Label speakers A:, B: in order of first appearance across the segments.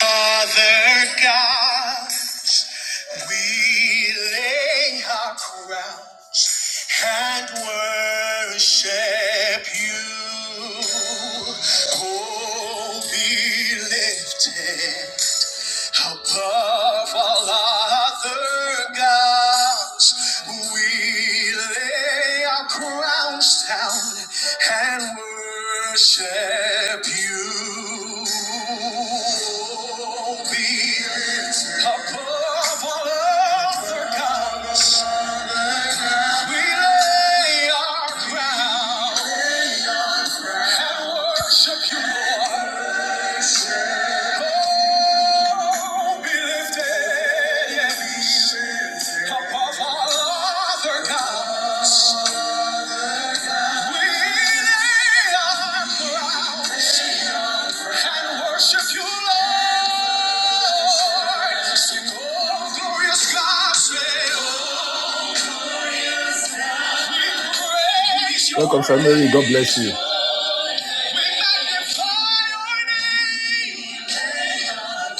A: Other gods, we lay our crowns and worship you. Oh, be lifted above all other gods, we lay our crowns down and worship you. Be above all other gods, we lay our crown and worship you, Lord. Oh, be lifted, yes, oh, God, oh, Welcome, family. God bless you.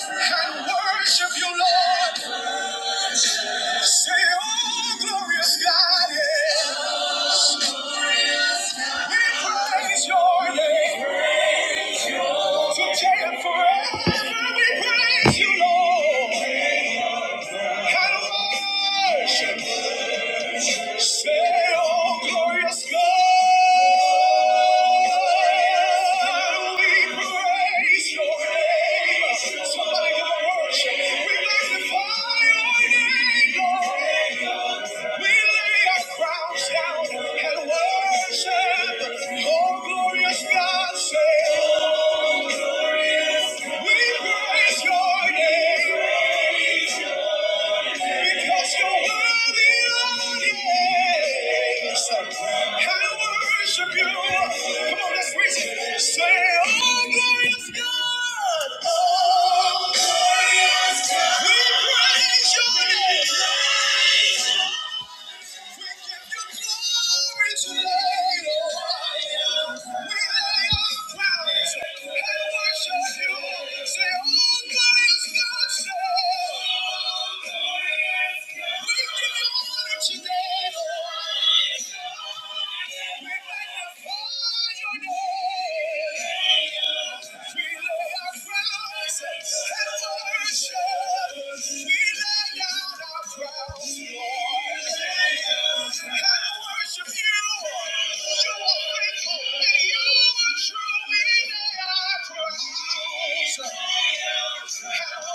A: and worship you, Lord. Say, oh, glorious God, yeah. we praise your name. Today and forever we praise you, Lord. And worship. Say, oh, glorious. Yes, God, we praise your name. We magnify your name, Lord. We lay our crowns down and worship. Oh, glorious God, say, we praise your name. Because you're worthy, Lord, yes. I worship you. Come on, let's reach it. Say, oh, glorious God. Oh, glorious God. We praise your name. Today, we magnify your name. Thank you.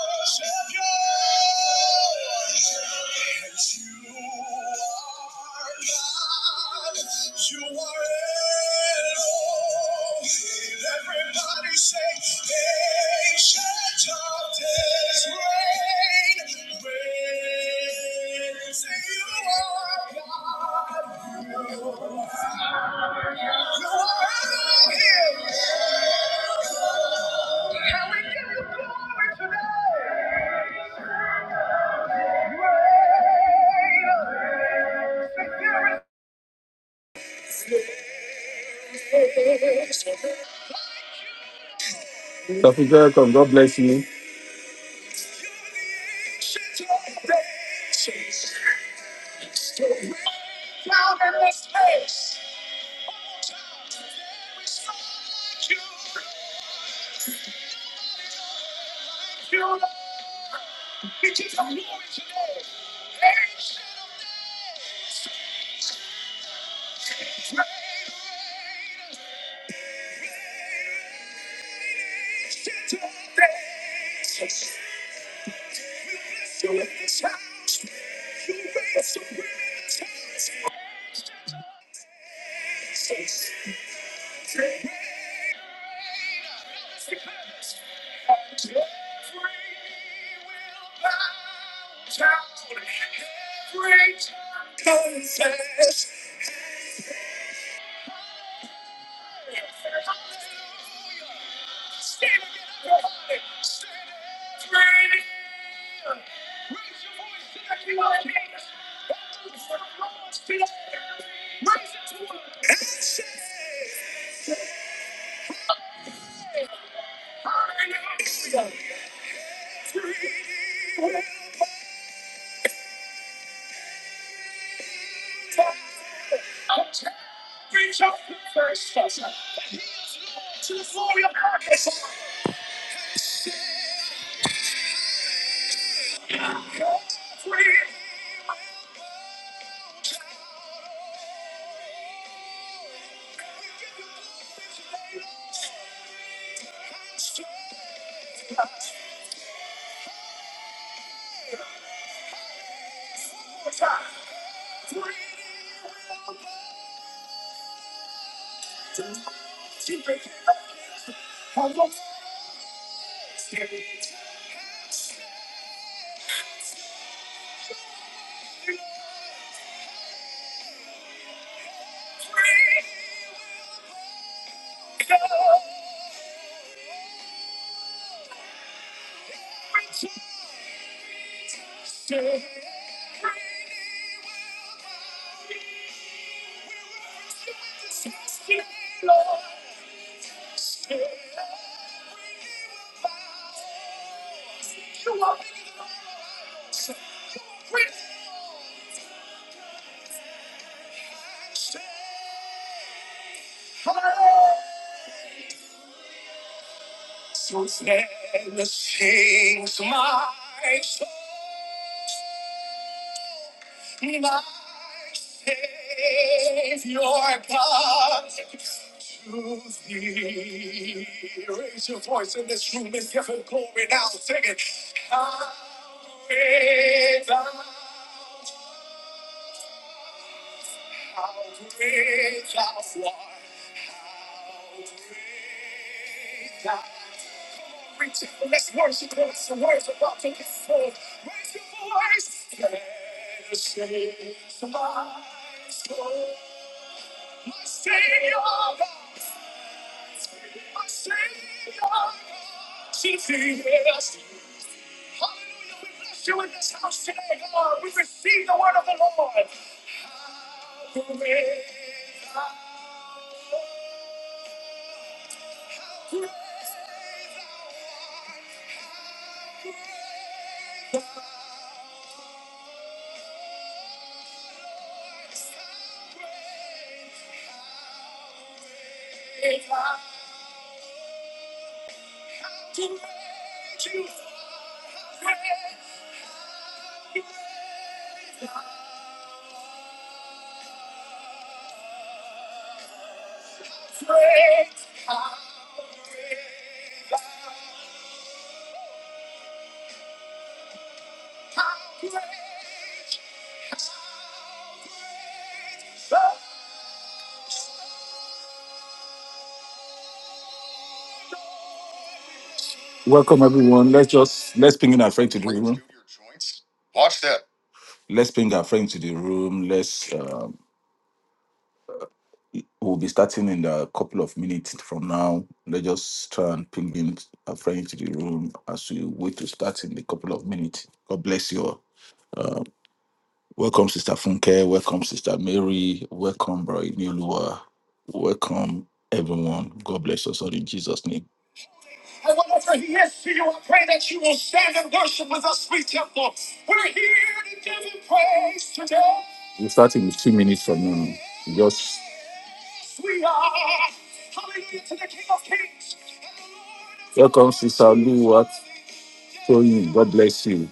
A: Dr. Joy, God bless you. Welcome everyone. Let's just let's ping in our friend to the room. Let's ping our friend to the room. Let's um, we'll be starting in a couple of minutes from now. Let's just try and ping in our friend to the room as we wait to start in a couple of minutes. God bless you all. Welcome, Sister Funke. Welcome, Sister Mary. Welcome, Bro Inilua. Welcome, everyone. God bless us all in Jesus' name. We're starting with two minutes from now. Just welcome, Sister Luwat Toyin. God bless you.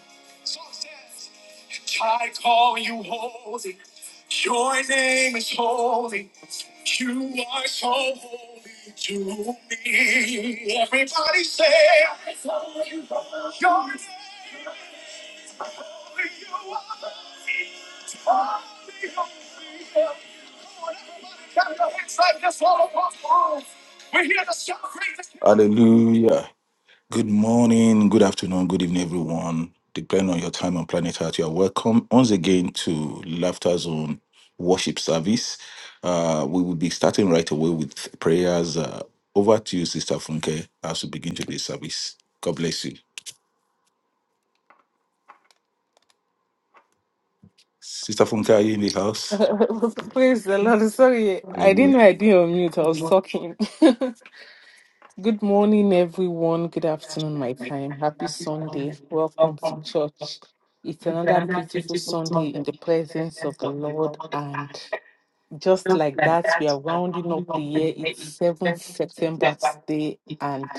A: Hallelujah. Good morning, good afternoon, good evening, everyone. Depending on your time on planet Earth, you are welcome once again to Laughter Zone Worship Service. Uh, we will be starting right away with prayers. Uh, over to you, Sister Funke, as we begin today's service. God bless you. Sister Funke, are you in the house?
B: Praise the Lord. Sorry, I didn't
A: Hallelujah.
B: know I did on mute. I was talking. Good morning, everyone. Good afternoon, my time. Happy Sunday. Welcome to church. It's another beautiful Sunday in the presence of the Lord. And just like that, we are rounding up the year. It's 7th September today. And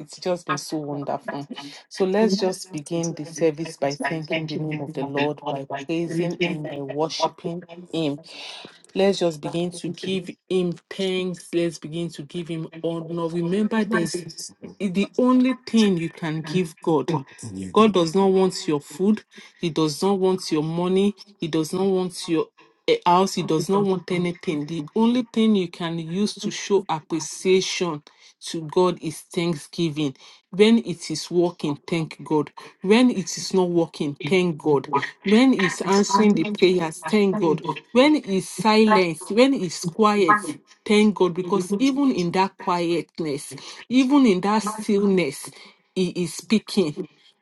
B: it's just been so wonderful. So let's just begin the service by thanking the name of the Lord, by praising Him, by worshiping Him Let's just begin to give him thanks. Let's begin to give him honor. Remember, there's the only thing you can give God God does not want your food. He does not want your money. He does not want your eh, house. He does not want anything. The only thing you can use to show appreciation to God is thanksgiving. When it is working, thank God. When it is not working, thank God. When it's answering the prayers, thank God. When it's silence, when it's quiet, thank God. Because even in that quietness, even in that stillness, He is speaking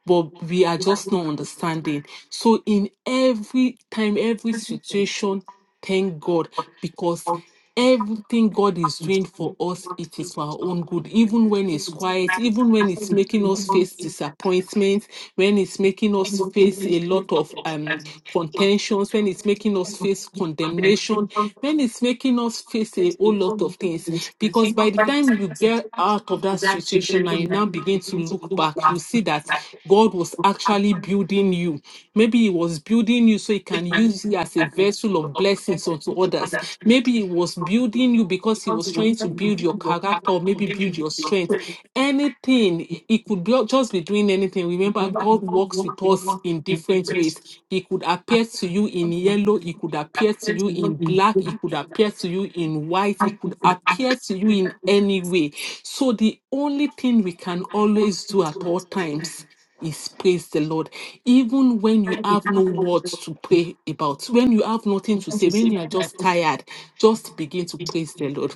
B: but we are just not understanding. So in every time, every situation, thank God because Everything God is doing for us, it is for our own good. Even when it's quiet, even when it's making us face disappointment, when it's making us face a lot of um contentions, when it's making us face condemnation, when it's making us face a whole lot of things. Because by the time you get out of that situation and you now begin to look back, you see that God was actually building you. Maybe He was building you so He can use you as a vessel of blessings unto others. Maybe he was building you because he was trying to build your character or maybe build your strength. Anything, it could be, just be doing anything. Remember, God works with us in different ways. He could appear to you in yellow, he could appear to you in black, he could appear to you in white, he could appear to you in any way. So the only thing we can always do at all times is praise the Lord. Even when you have no words to pray about, when you have nothing to say, when you are just tired, just begin to praise the Lord.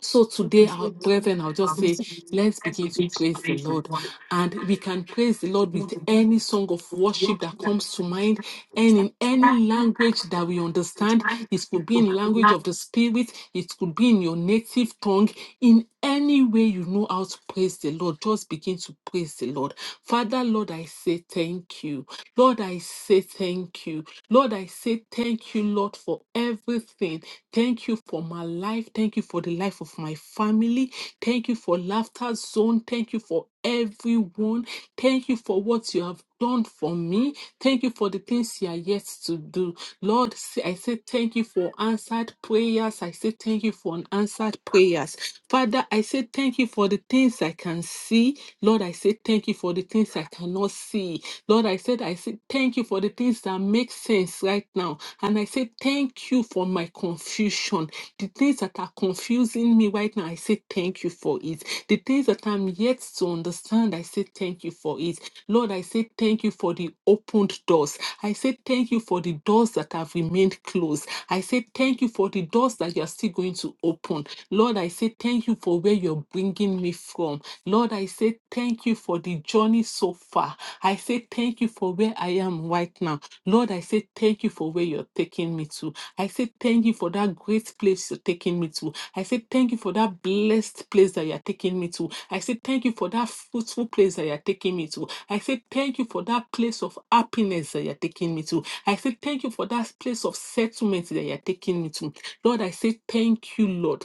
B: So today, our brethren, I'll just say, let's begin to praise the Lord. And we can praise the Lord with any song of worship that comes to mind and in any language that we understand. It could be in language of the spirit, it could be in your native tongue. In any way you know how to praise the Lord, just begin to praise the Lord. Father, Lord, I say thank you. Lord, I say thank you. Lord, I say thank you, Lord, for everything. Thank you for my life. Thank you for the life of my family. Thank you for Laughter Zone. Thank you for everyone. Thank you for what you have done for me. Thank you for the things you are yet to do. Lord, say- I say thank you for answered prayers. I say thank you for unanswered prayers. Father, I say thank you for the things I can see. Lord, I say thank you you for the things I cannot see. Lord, I said, I said, thank you for the things that make sense right now. And I say, thank you for my confusion. The things that are confusing me right now, I say, thank you for it. The things that I'm yet to understand, I say, thank you for it. Lord, I say, thank you for the opened doors. I say, thank you for the doors that have remained closed. I say, thank you for the doors that you're still going to open. Lord, I say, thank you for where you're bringing me taking me from. Lord, I say thank you for the journey so far. I say thank you for where I am right now. Lord, I say thank you for where you're taking me to. I say thank you for that great place you're taking me to. I say thank you for that blessed place that you're taking me to. I say thank you for that fruitful place that you're taking me to. I say thank you for that place of happiness that you're taking me to. I say thank you for that place of settlement that you're taking me to. Lord, I say thank you, Lord.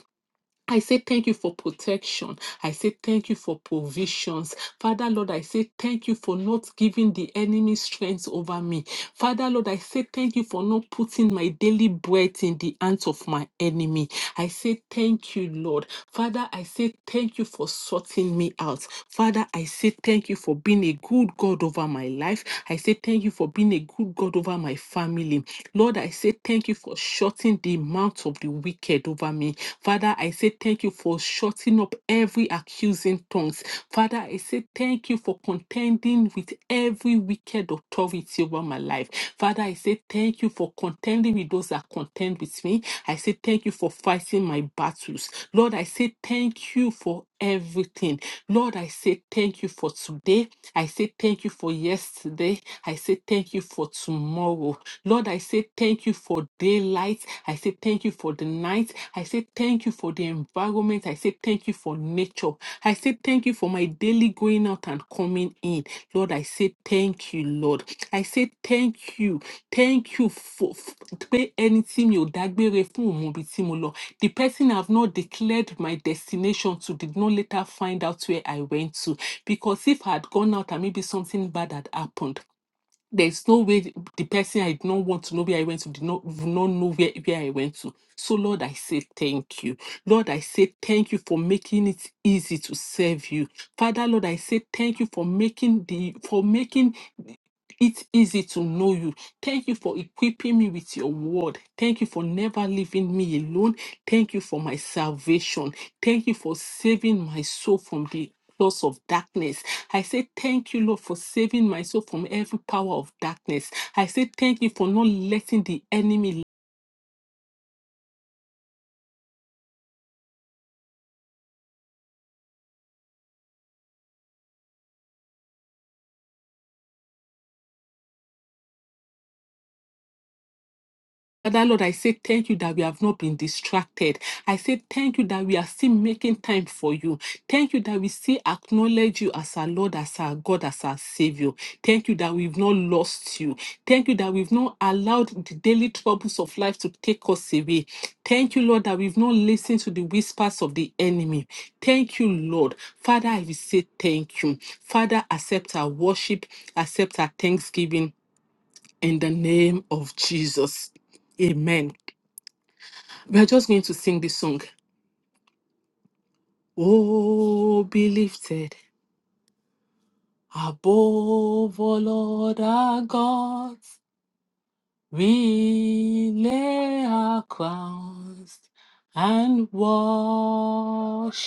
B: I say thank you for protection. I say thank you for provisions. Father Lord, I say thank you for not giving the enemy strength over me. Father Lord, I say thank you for not putting my daily bread in the hands of my enemy. I say thank you, Lord. Father, I say thank you for sorting me out. Father, I say thank you for being a good God over my life. I say thank you for being a good God over my family. Lord, I say thank you for shutting the mouth of the wicked over me. Father, I say thank you for shutting up every accusing tongues. Father, I say thank you for contending with every wicked authority over my life. Father, I say thank you for contending with those that contend with me. I say thank you for fighting my battles. Lord, I say thank you for everything. Lord, I say thank you for today. I say thank you for yesterday. I say thank you for tomorrow. Lord, I say thank you for daylight. I say thank you for the night. I say thank you for the environment. I say thank you for nature. I say thank you for my daily going out and coming in. Lord, I say thank you, Lord. I say thank you. Thank you for f- pé ẹni tí mi ò dágbére fún òun mọ ibi tí mo lọ. The person I have not declared my destination to did not later find out where I went to. Because if I had gone out and maybe something bad had happened, there's no way th- the person I did not want to know where I went to did not would not know where, where I went to. So Lord, I say thank you. Lord, I say thank you for making it easy to serve you. Father, Lord, I say thank you for making the for making it's easy to know you. Thank you for equipping me with your word. Thank you for never leaving me alone. Thank you for my salvation. Thank you for saving my soul from the loss of darkness. I say thank you, Lord, for saving my soul from every power of darkness. I say thank you for not letting the enemy Father Lord, I say thank you that we have not been distracted. I say thank you that we are still making time for you. Thank you that we still acknowledge you as our Lord, as our God, as our Savior. Thank you that we've not lost you. Thank you that we've not allowed the daily troubles of life to take us away. Thank you, Lord, that we've not listened to the whispers of the enemy. Thank you, Lord. Father, I will say thank you. Father, accept our worship, accept our thanksgiving in the name of Jesus. Amen. We are just going to sing this song. Oh, be lifted above all other gods. We lay our crowns and worship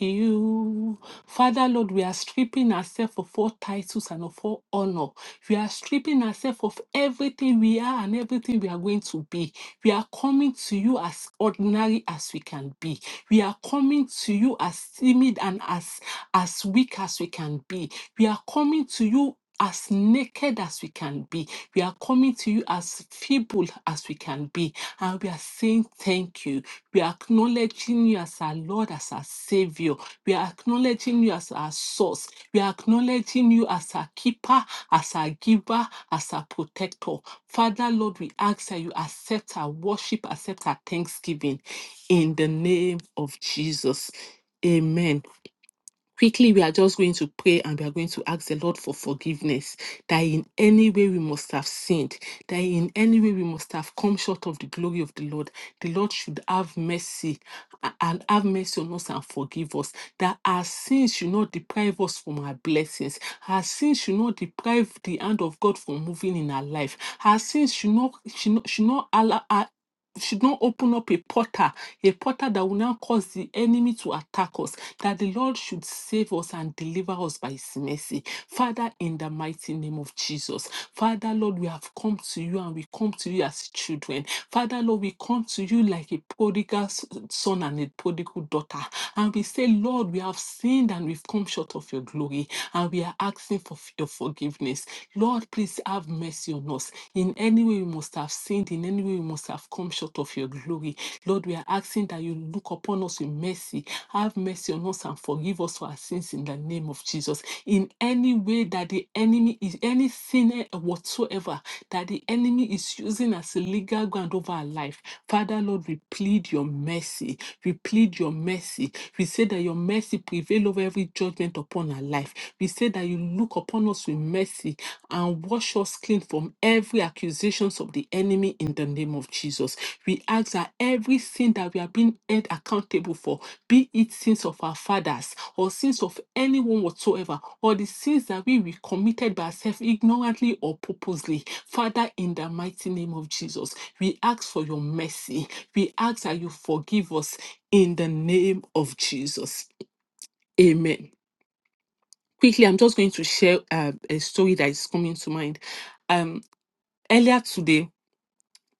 B: you. Father Lord, we are stripping ourselves of all titles and of all honor. We are stripping ourselves of everything we are and everything we are going to be. We are coming to you as ordinary as we can be. We are coming to you as timid and as, as weak as we can be. We are coming to you as naked as we can be we are coming to you as feeble as we can be, and we are saying thank you. We are acknowledging you as our Lord, as our Savior. We are acknowledging you as our source. We are acknowledging you as our keeper, as our giver, as our protector. Father, Lord, we ask that you accept our worship, accept our thanksgiving in the name of Jesus. Amen quickly we are just going to pray and we are going to ask the lord for forgiveness that in any way we must have sinned that in any way we must have come short of the glory of the lord the lord should have mercy a- and have mercy on us and forgive us that our sins should not deprive us from our blessings our sins should not deprive the hand of god from moving in our life our sins should not should not, should not allow, should not open up a portal, a portal that will now cause the enemy to attack us, that the Lord should save us and deliver us by his mercy. Father, in the mighty name of Jesus. Father, Lord, we have come to you and we come to you as children. Father, Lord, we come to you like a prodigal s- son and a prodigal daughter. And we say, Lord, we have sinned and we've come short of your glory. And we are asking for f- your forgiveness. Lord, please have mercy on us in any way we must have sinned, in any way we must have come short of your glory. Lord, we are asking that you look upon us with mercy. Have mercy on us and forgive us for our sins in the name of Jesus. In any way that the enemy is, any sin whatsoever that the enemy is using as a legal ground over our life, Father, Lord, we plead your mercy. We plead your mercy. We say that your mercy prevail over every judgment upon our life. We say that you look upon us with mercy and wash us clean from every accusations of the enemy in the name of Jesus. We ask that everything that we are being held accountable for, be it sins of our fathers or sins of anyone whatsoever, or the sins that we, we committed by ourselves ignorantly or purposely, Father, in the mighty name of Jesus, we ask for your mercy. We ask that you forgive us in the name of Jesus. Amen. Quickly, I'm just going to share uh, a story that is coming to mind. Um, earlier today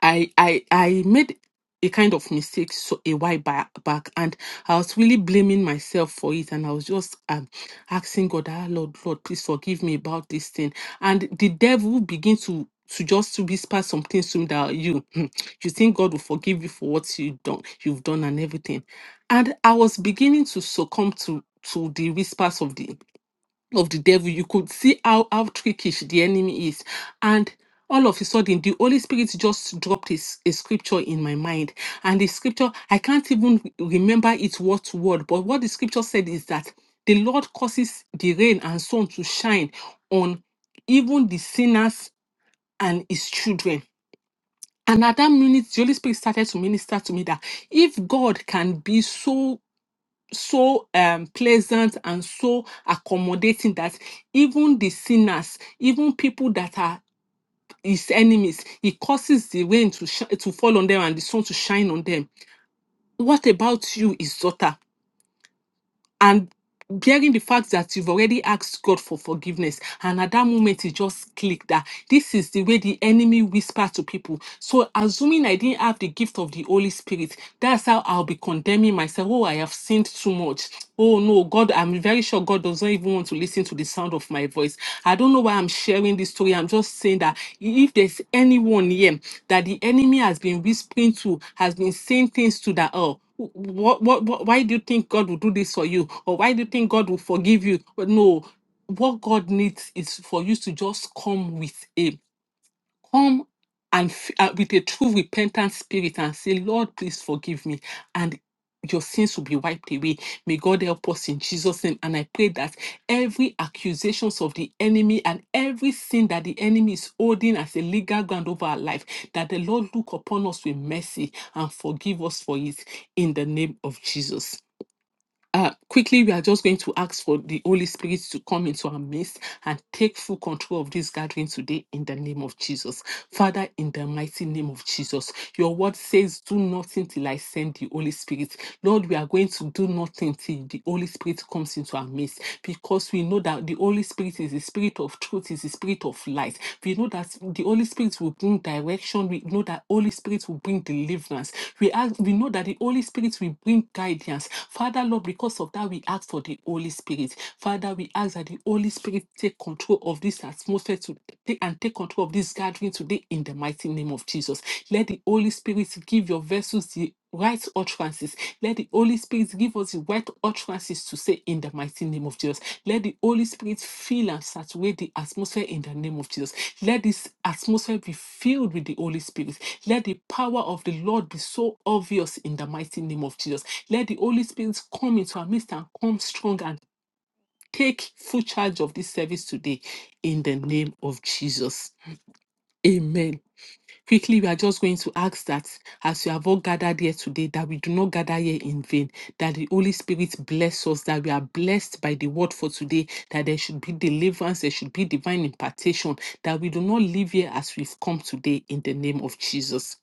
B: i i i made a kind of mistake so a while ba- back and i was really blaming myself for it and i was just um, asking god ah lord lord please forgive me about this thing and the devil begin to to just to whisper some things to me that you you think god will forgive you for what you done you've done and everything and i was beginning to succumb to to the whispers of the of the devil, you could see how, how trickish the enemy is. And all of a sudden, the Holy Spirit just dropped his, a scripture in my mind. And the scripture, I can't even re- remember it word to word, but what the scripture said is that the Lord causes the rain and sun to shine on even the sinners and his children. And at that minute, the Holy Spirit started to minister to me that if God can be so so um, pleasant and so accommodating that even the sinners, even people that are his enemies, he causes the rain to, sh- to fall on them and the sun to shine on them. What about you, his daughter? and bearing the fact that you've already asked God for forgiveness, and at that moment it just clicked that this is the way the enemy whispers to people. So assuming I didn't have the gift of the Holy Spirit, that's how I'll be condemning myself. Oh, I have sinned too much. Oh no, God, I'm very sure God doesn't even want to listen to the sound of my voice voice. I don't know why I'm sharing this story. I'm just saying that if there's anyone here that the enemy has been whispering to, has been saying things to that, oh, what, what, what, why do you think God will do this for you? Or why do you think God will forgive you? But no, what God needs is for you to just come with Him come and f- uh, with a true repentant spirit and say, Lord, please forgive me. And your sins will be wiped away. May God help us in Jesus' name. And I pray that every accusations of the enemy and every sin that the enemy is holding as a legal ground over our life, that the Lord look upon us with mercy and forgive us for it in the name of Jesus uh, quickly, we are just going to ask for the Holy Spirit to come into our midst and take full control of this gathering today in the name of Jesus. Father, in the mighty name of Jesus, your word says, Do nothing till I send the Holy Spirit. Lord, we are going to do nothing till the Holy Spirit comes into our midst because we know that the Holy Spirit is the Spirit of truth, is the Spirit spirit of light. We know that the Holy Spirit will bring direction. We know that Holy Spirit will bring deliverance. We ask, we know that the Holy Spirit will bring guidance. Father, Lord, because of that, we ask for the Holy Spirit. Father, we ask that the Holy Spirit take control of this atmosphere to take and take control of this gathering today in the mighty name of Jesus. Let the Holy Spirit give your of vessels the right utterances. Let the Holy Spirit give us the right utterances to say in the mighty name of Jesus. Let the Holy Spirit fill and saturate the atmosphere in the name of Jesus. Let this atmosphere be filled with the Holy Spirit. Let the power of the Lord be so obvious in the mighty name of Jesus. Let the Holy Spirit come into our midst and come strong and take full charge of this service today in the name of Jesus. Amen. Quickly, we are just going to ask that as you have all gathered here today, that we do not gather here in vain, that the Holy Spirit bless us, that we are blessed by the word for today, that there should be deliverance, there should be divine impartation, that we do not live here as we've come today in the name of Jesus.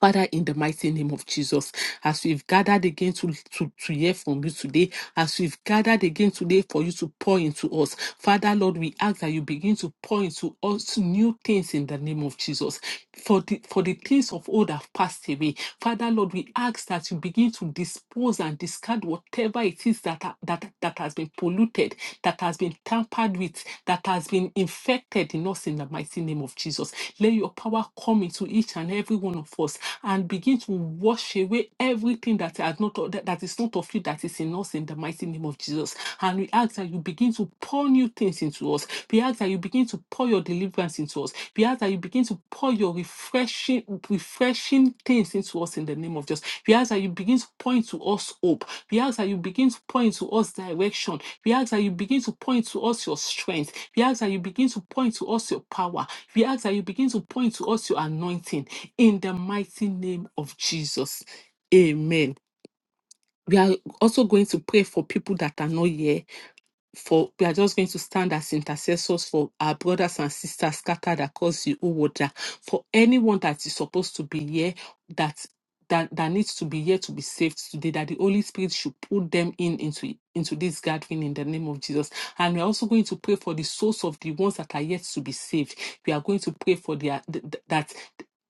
B: Father, in the mighty name of Jesus, as we've gathered again to, to, to hear from you today, as we've gathered again today for you to pour into us, Father, Lord, we ask that you begin to pour into us new things in the name of Jesus. For the, for the things of old have passed away, Father, Lord, we ask that you begin to dispose and discard whatever it is that, ha- that, that has been polluted, that has been tampered with, that has been infected in us in the mighty name of Jesus. Let your power come into each and every one one of us and begin to wash away everything that has not that that is not of you that is in us in the mighty name of Jesus. And we ask that you begin to pour new things into us. We ask that you begin to pour your deliverance into us. We ask that you begin to pour your refreshing, refreshing things into us in the name of Jesus. We ask that you begin to point to us hope. We ask that you begin to point to us direction. We ask that you begin to point to us your strength. We ask that you begin to point to us your power. We ask that you begin to point to us your anointing in the mighty name of Jesus. Amen. We are also going to pray for people that are not here for we are just going to stand as intercessors for our brothers and sisters scattered across the whole world that for anyone that is supposed to be here that that, that needs to be here to be saved today that the holy spirit should put them in into into this gathering in the name of jesus and we're also going to pray for the souls of the ones that are yet to be saved we are going to pray for their th- th- that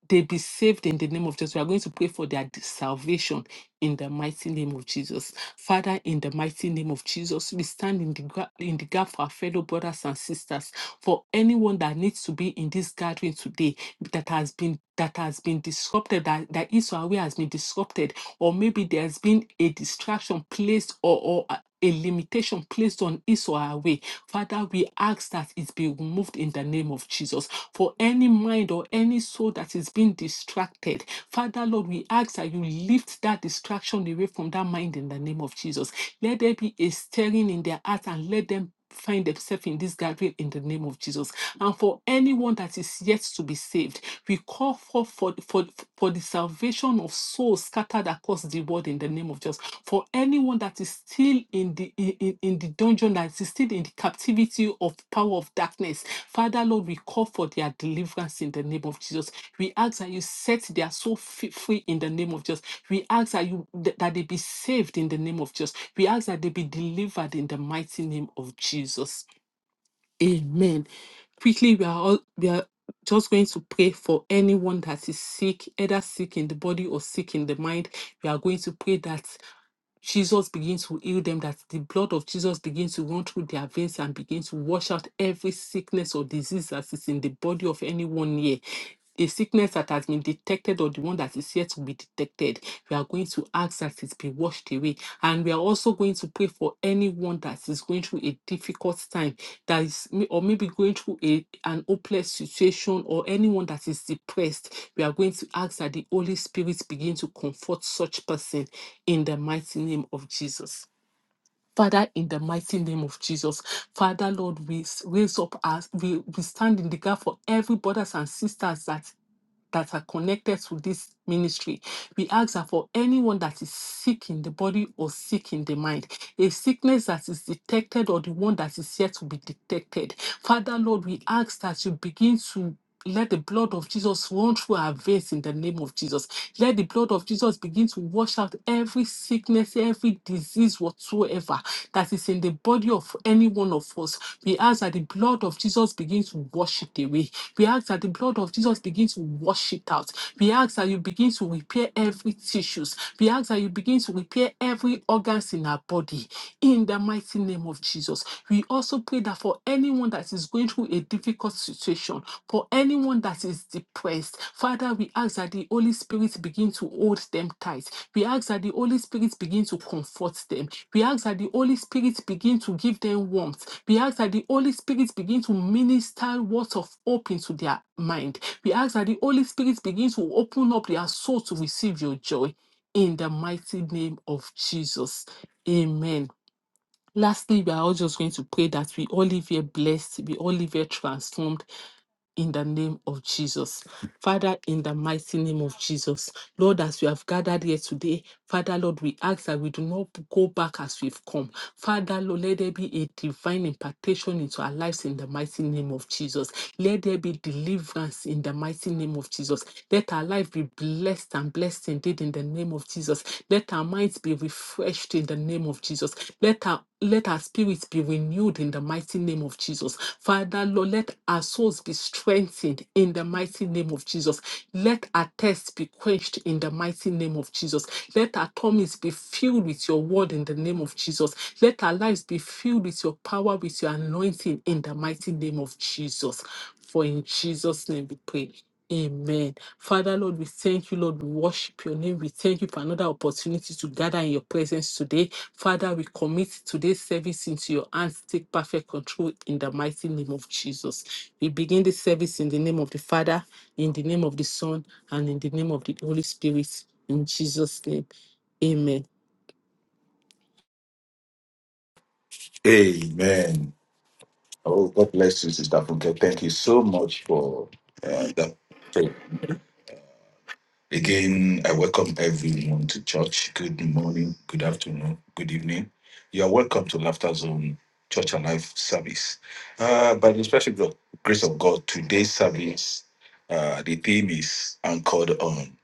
B: they be saved in the name of jesus we are going to pray for their salvation in the mighty name of Jesus. Father, in the mighty name of Jesus, we stand in the, gra- in the gap for our fellow brothers and sisters, for anyone that needs to be in this gathering today that has been that has been disrupted that, that is our way has been disrupted or maybe there's been a distraction placed or, or a a limitation placed on is or our way father we ask that it be removed in the name of jesus for any mind or any soul that is being distracted father lord we ask that you lift that distraction away from that mind in the name of jesus let there be a stirring in their heart and let them find themselves in this gathering in the name of Jesus. And for anyone that is yet to be saved, we call for for, for, for the salvation of souls scattered across the world in the name of Jesus. For anyone that is still in the in, in in the dungeon, that is still in the captivity of the power of darkness. Father, Lord, we call for their deliverance in the name of Jesus. We ask that you set their soul fe- free in the name of Jesus. We ask that you th- that they be saved in the name of Jesus. We ask that they be delivered in the mighty name of Jesus. Amen. Quickly, we are all we are just going to pray for anyone that is sick, either sick in the body or sick in the mind. We are going to pray that Jesus begins to heal them, that the blood of Jesus begins to run through their veins and begins to wash out every sickness or disease that is in the body of anyone here. A sickness that has been detected or the one that is yet to be detected, we are going to ask that it be washed away. And we are also going to pray for anyone that is going through a difficult time, that is, may- or maybe going through a, an hopeless situation, or anyone that is depressed. We are going to ask that the Holy Spirit begin to comfort such person in the mighty name of Jesus. Father, in the mighty name of Jesus, Father, Lord, we s- raise up us. we, we stand in the gap for every brothers and sisters that that are connected to this ministry. We ask that for anyone that is sick in the body or sick in the mind, a sickness that is detected or the one that is yet to be detected. Father, Lord, we ask that you begin to let the blood of Jesus run through our veins in the name of Jesus. Let the blood of Jesus begin to wash out every sickness, every disease whatsoever that is in the body of any one of us. We ask that the blood of Jesus begins to wash it away. We ask that the blood of Jesus begins to wash it out. We ask that you begin to repair every tissues. We ask that you begin to repair every organs in our body. In the mighty name of Jesus, we also pray that for anyone that is going through a difficult situation, for anyone that is depressed first. Father, we ask that the Holy Spirit begin to hold them tight. We ask that the Holy Spirit begin to comfort them. We ask that the Holy Spirit begin to give them warmth. We ask that the Holy Spirit begin to minister words of hope into their mind. We ask that the Holy Spirit begin to open up their soul to receive your joy. In the mighty name of Jesus. Amen. Lastly, we are all just going to pray that we all live here blessed, we all live here transformed, in the name of Jesus. Father, in the mighty name of Jesus, Lord, as we have gathered here today, Father, Lord, we ask that we do not go back as we've come. Father, Lord, let there be a divine impartation into our lives in the mighty name of Jesus. Let there be deliverance in the mighty name of Jesus. Let our life be blessed and blessed indeed in the name of Jesus. Let our minds be refreshed in the name of Jesus. Let our let our spirits be renewed in the mighty name of Jesus. Father, Lord, let our souls be strengthened in the mighty name of Jesus. Let our thirst be quenched in the mighty name of Jesus. Let our tummies be filled with your word in the name of Jesus. Let our lives be filled with your power, with your anointing in the mighty name of Jesus. For in Jesus' name we pray. Amen. Father, Lord, we thank you, Lord. We worship your name. We thank you for another opportunity to gather in your presence today. Father, we commit today's service into your hands. Take perfect control in the mighty name of Jesus. We begin the service in the name of the Father, in the name of the Son, and in the name of the Holy Spirit. In Jesus' name. Amen.
A: Amen. Oh, God bless you, Sister Funke. Thank you so much for uh, that. So, again, I welcome everyone to church. Good morning, good afternoon, good evening. You are welcome to Laughter Zone Church and Life service. Uh, by the special gro- grace of God, today's service, uh, the theme is anchored on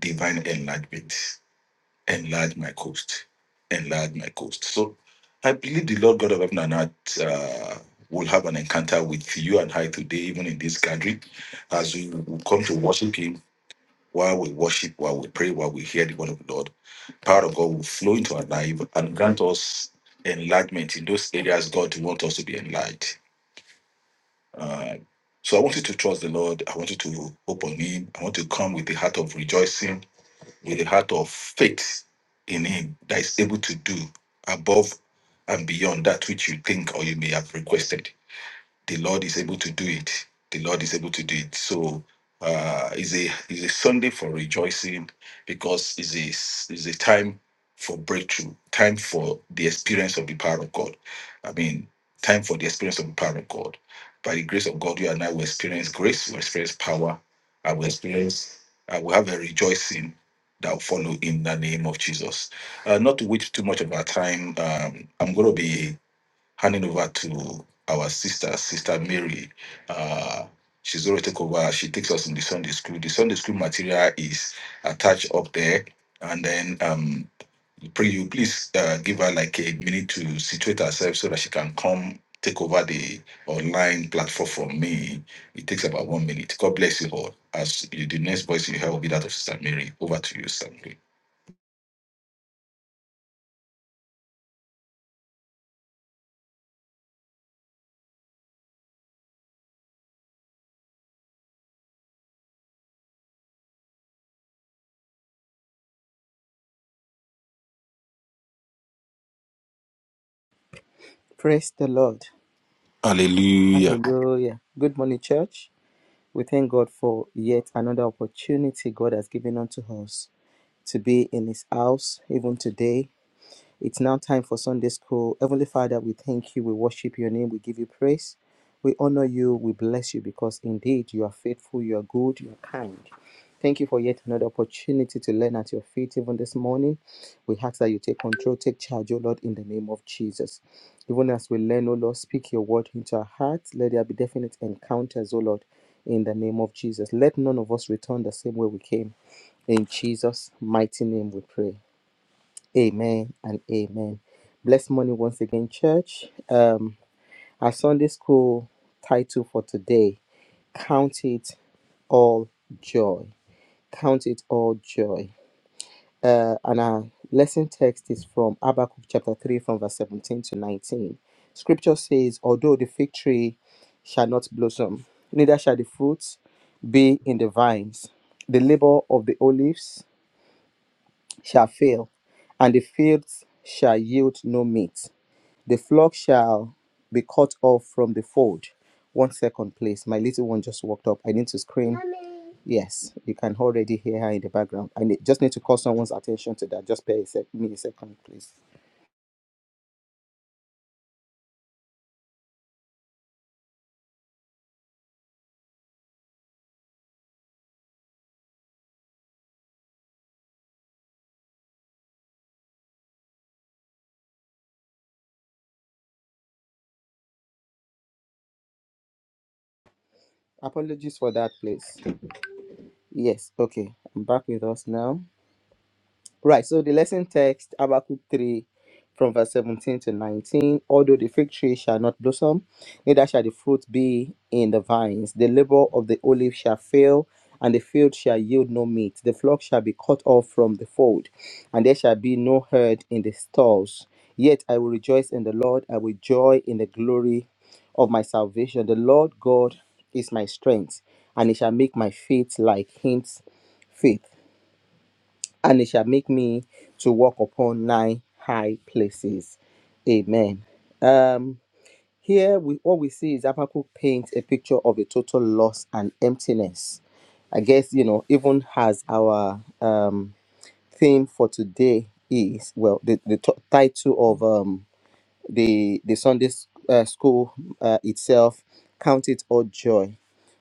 A: divine enlightenment. enlarge my coast, enlarge my coast. So I believe the Lord God of heaven and earth uh, will have an encounter with you and I today, even in this gathering, as we will come to worship Him while we worship, while we pray, while we hear the word of the Lord. Power of God will flow into our life and grant us enlargement in those areas God wants us to be enlarged. Uh, so I want you to trust the Lord. I want you to hope on Him. I want to come with the heart of rejoicing with a heart of faith in Him that is able to do above and beyond that which you think or you may have requested the Lord is able to do it. The Lord is able to do it. So uh, it's a it's a Sunday for rejoicing because it's a it's a time for breakthrough, time for the experience of the power of God. I mean, time for the experience of the power of God. By the grace of God, you and I will experience grace, will experience power, I will experience, I will have a rejoicing that will follow in the name of Jesus. Uh, not to waste too much of our time, um, I'm going to be handing over to our sister, Sister Mary. Uh, she's already taken over. She takes us in the Sunday school. The Sunday school material is attached up there. And then um, pray you please uh, give her like a minute to situate herself so that she can come take over the online platform from me. It takes about one minute. God bless you all. As you, the next voice you hear will be that of Sister Mary. Over to you, Sister Mary.
C: Praise the Lord.
A: Hallelujah.
C: Hallelujah. Good morning, church. We thank God for yet another opportunity God has given unto us to be in His house, even today. It's now time for Sunday school. Heavenly Father, we thank you. We worship your name. We give you praise. We honor you. We bless you because indeed you are faithful, you are good, you are kind. Thank you for yet another opportunity to learn at your feet even this morning. We ask that you take control, take charge, O Lord, in the name of Jesus. Even as we learn, O Lord, speak your word into our hearts. Let there be definite encounters, O Lord, in the name of Jesus. Let none of us return the same way we came. In Jesus' mighty name we pray. Amen and amen. Blessed morning once again, church. Um, our Sunday school title for today: Count it all joy. Count it all joy. Uh, and our lesson text is from Habakkuk chapter three, from verse seventeen to nineteen. Scripture says, "Although the fig tree shall not blossom, neither shall the fruit be in the vines, the labor of the olives." shall fail, and the fields shall yield no meat. The flock shall be cut off from the fold. One second, please. My little one just walked up. I need to scream. Mommy. Yes, you can already hear her in the background. I need, just need to call someone's attention to that. Just pay a sec- me a second, please. Apologies for that, please. Yes, okay. I'm back with us now. Right, so the lesson text, Habakkuk 3, from verse 17 to 19. Although the fig tree shall not blossom, neither shall the fruit be in the vines. The labor of the olive shall fail, and the field shall yield no meat. The flock shall be cut off from the fold, and there shall be no herd in the stalls. Yet I will rejoice in the Lord, I will joy in the glory of my salvation. The Lord God is my strength, and he shall make my feet like hinds feet and it shall make me to walk upon nine high places. Amen. Um, here we what we see is Habakkuk paints a picture of a total loss and emptiness. I guess you know, even as our um theme for today is well, the the t- title of um the the Sunday s- uh, school uh, itself, count it all joy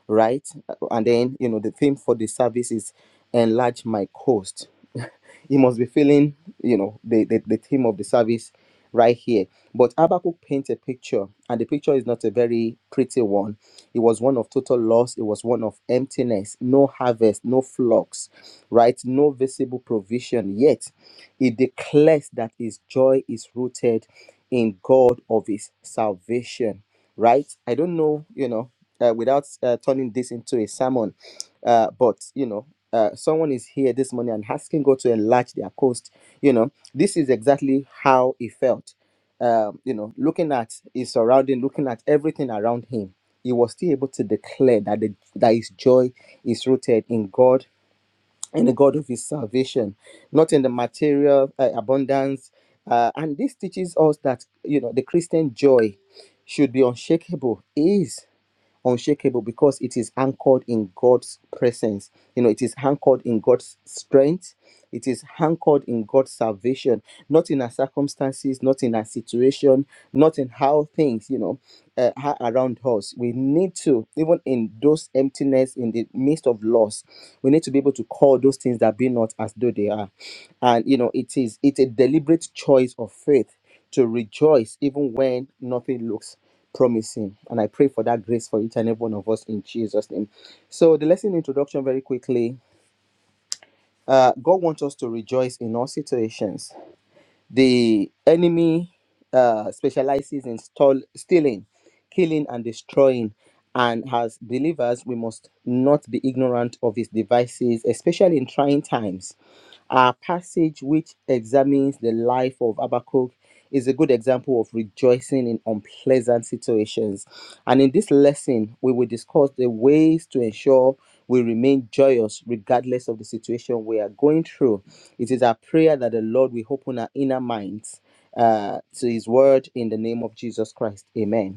C: right? And then, you know, the theme for the service is enlarge my coast. He must be feeling, you know, the, the, the theme of the service right here. But Habakkuk paints a picture, and the picture is not a very pretty one. It was one of total loss, it was one of emptiness, no harvest, no flocks, right? No visible provision. Yet he declares that his joy is rooted in God of his salvation right? I don't know, you know, uh, without uh, turning this into a sermon, uh, but you know, uh, someone is here this morning and asking God to enlarge their coast. You know, this is exactly how he felt. Um, you know, looking at his surrounding, looking at everything around him, he was still able to declare that the, that his joy is rooted in God in the God of his salvation, not in the material uh, abundance. Uh, and this teaches us that, you know, the Christian joy should be unshakable, is unshakable because it is anchored in God's presence. You know, it is anchored in God's strength. It is anchored in God's salvation, not in our circumstances, not in our situation, not in how things, you know, uh, are around us. We need to, even in those emptiness, in the midst of loss, we need to be able to call those things that be not as though they are. And, you know, it is, it's a deliberate choice of faith to rejoice even when nothing looks promising. And I pray for that grace for each and every one of us in Jesus' name. So, the lesson introduction very quickly. Uh, God wants us to rejoice in all situations. The enemy uh, specializes in stol- stealing, killing, and destroying. And as believers, we must not be ignorant of his devices, especially in trying times our passage, which examines the life of Habakkuk, is a good example of rejoicing in unpleasant situations. And in this lesson, we will discuss the ways to ensure we remain joyous regardless of the situation we are going through. It is our prayer that the Lord will open our inner minds uh, to His word in the name of Jesus Christ. Amen.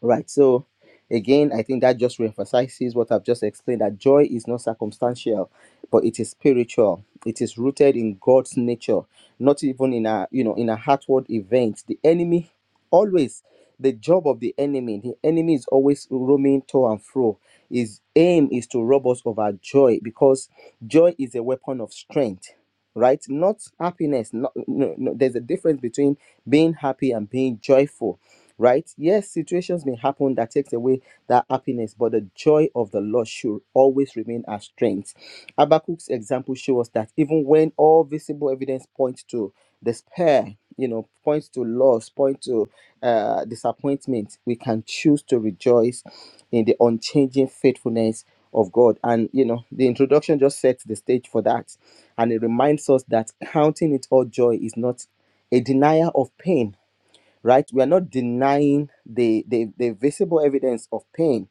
C: Right. So again, I think that just reemphasizes what I've just explained that joy is not circumstantial, but it is spiritual. It is rooted in God's nature, not even in a you know in a heartward event. The enemy always the job of the enemy, the enemy is always roaming to and fro. His aim is to rob us of our joy because joy is a weapon of strength right not happiness not no, no there's a difference between being happy and being joyful right yes situations may happen that takes away that happiness but the joy of the lord should always remain our strength habakkuk's example shows us that even when all visible evidence points to despair you know points to loss points to uh, disappointment we can choose to rejoice in the unchanging faithfulness of God. And you know, the introduction just sets the stage for that. And it reminds us that counting it all joy is not a denial of pain, right? We are not denying the the, the visible evidence of pain,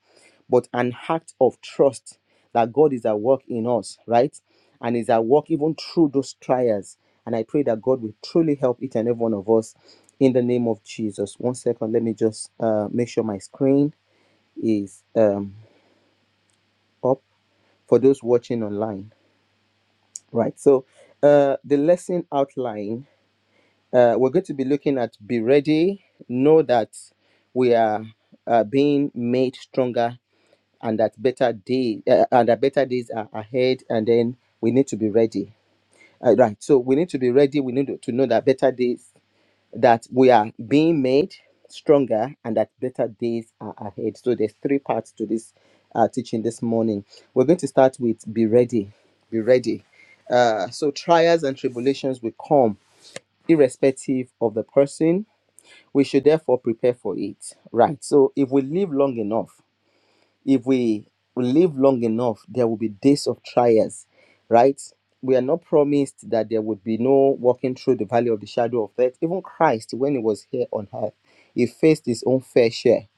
C: but an act of trust that God is at work in us, right? And is at work even through those trials. And I pray that God will truly help each and every one of us in the name of Jesus. One second, let me just uh, make sure my screen is um, up for those watching online, right? So, uh, the lesson outline uh, we're going to be looking at be ready, know that we are uh, being made stronger and that better day uh, and that better days are ahead, and then we need to be ready. Uh, right, so we need to be ready. We need to know that better days that we are being made stronger and that better days are ahead. So there's three parts to this uh, teaching this morning. We're going to start with be ready, be ready. Uh, so trials and tribulations will come irrespective of the person. We should therefore prepare for it, right? So if we live long enough, if we live long enough, there will be days of trials, right? We are not promised that there would be no walking through the valley of the shadow of death. Even Christ, when he was here on earth, he faced his own fair share,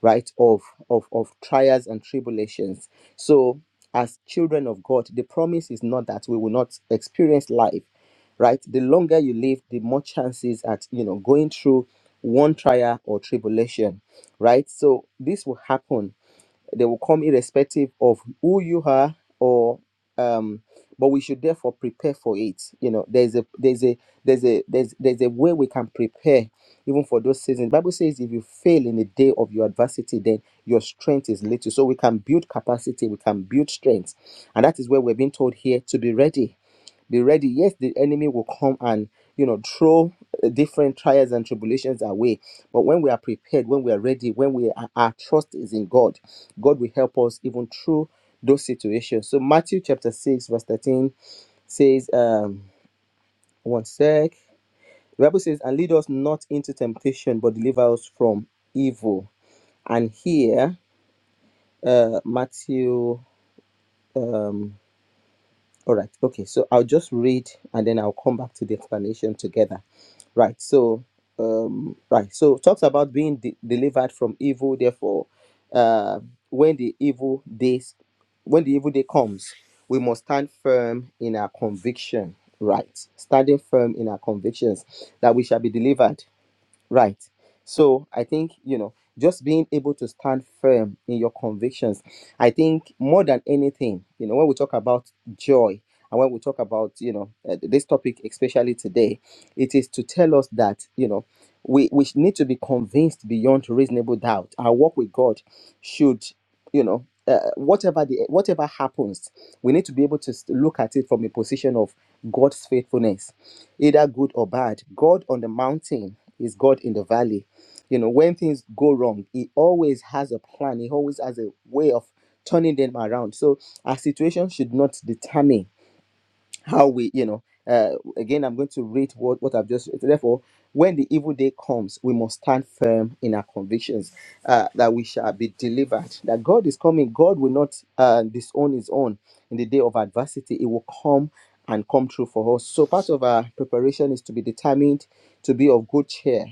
C: right, of, of, of trials and tribulations. So, as children of God, the promise is not that we will not experience life, right? The longer you live, the more chances at, you know, going through one trial or tribulation, right? So, this will happen they will come irrespective of who you are or um but we should therefore prepare for it you know there's a there's a there's a there's there's a way we can prepare even for those seasons bible says if you fail in the day of your adversity then your strength is little so we can build capacity we can build strength and that is where we're being told here to be ready be ready yes the enemy will come and you know throw uh, different trials and tribulations away but when we are prepared when we are ready when we are, our trust is in god God will help us even through those situations. So Matthew chapter 6, verse 13 says, um, one sec. The Bible says, and lead us not into temptation, but deliver us from evil. And here, uh, Matthew, um, All right. Okay. So I'll just read and then I'll come back to the explanation together. Right. So, um, right. So it talks about being de- delivered from evil. Therefore, uh, when the evil days, when the evil day comes, we must stand firm in our conviction. Right. Standing firm in our convictions that we shall be delivered Right. So I think, you know, just being able to stand firm in your convictions. I think more than anything, you know, when we talk about joy and when we talk about, you know, uh, this topic, especially today, it is to tell us that, you know, we, we need to be convinced beyond reasonable doubt. Our walk with God should you know uh, whatever the whatever happens we need to be able to s- look at it from a position of god's faithfulness either good or bad god on the mountain is god in the valley you know when things go wrong he always has a plan he always has a way of turning them around so our situation should not determine how we, you know, uh, again, I'm going to read what, what I've just read. Therefore, when the evil day comes, we must stand firm in our convictions uh, that we shall be delivered, that God is coming. God will not uh, disown his own in the day of adversity. It will come and come true for us. So, part of our preparation is to be determined to be of good cheer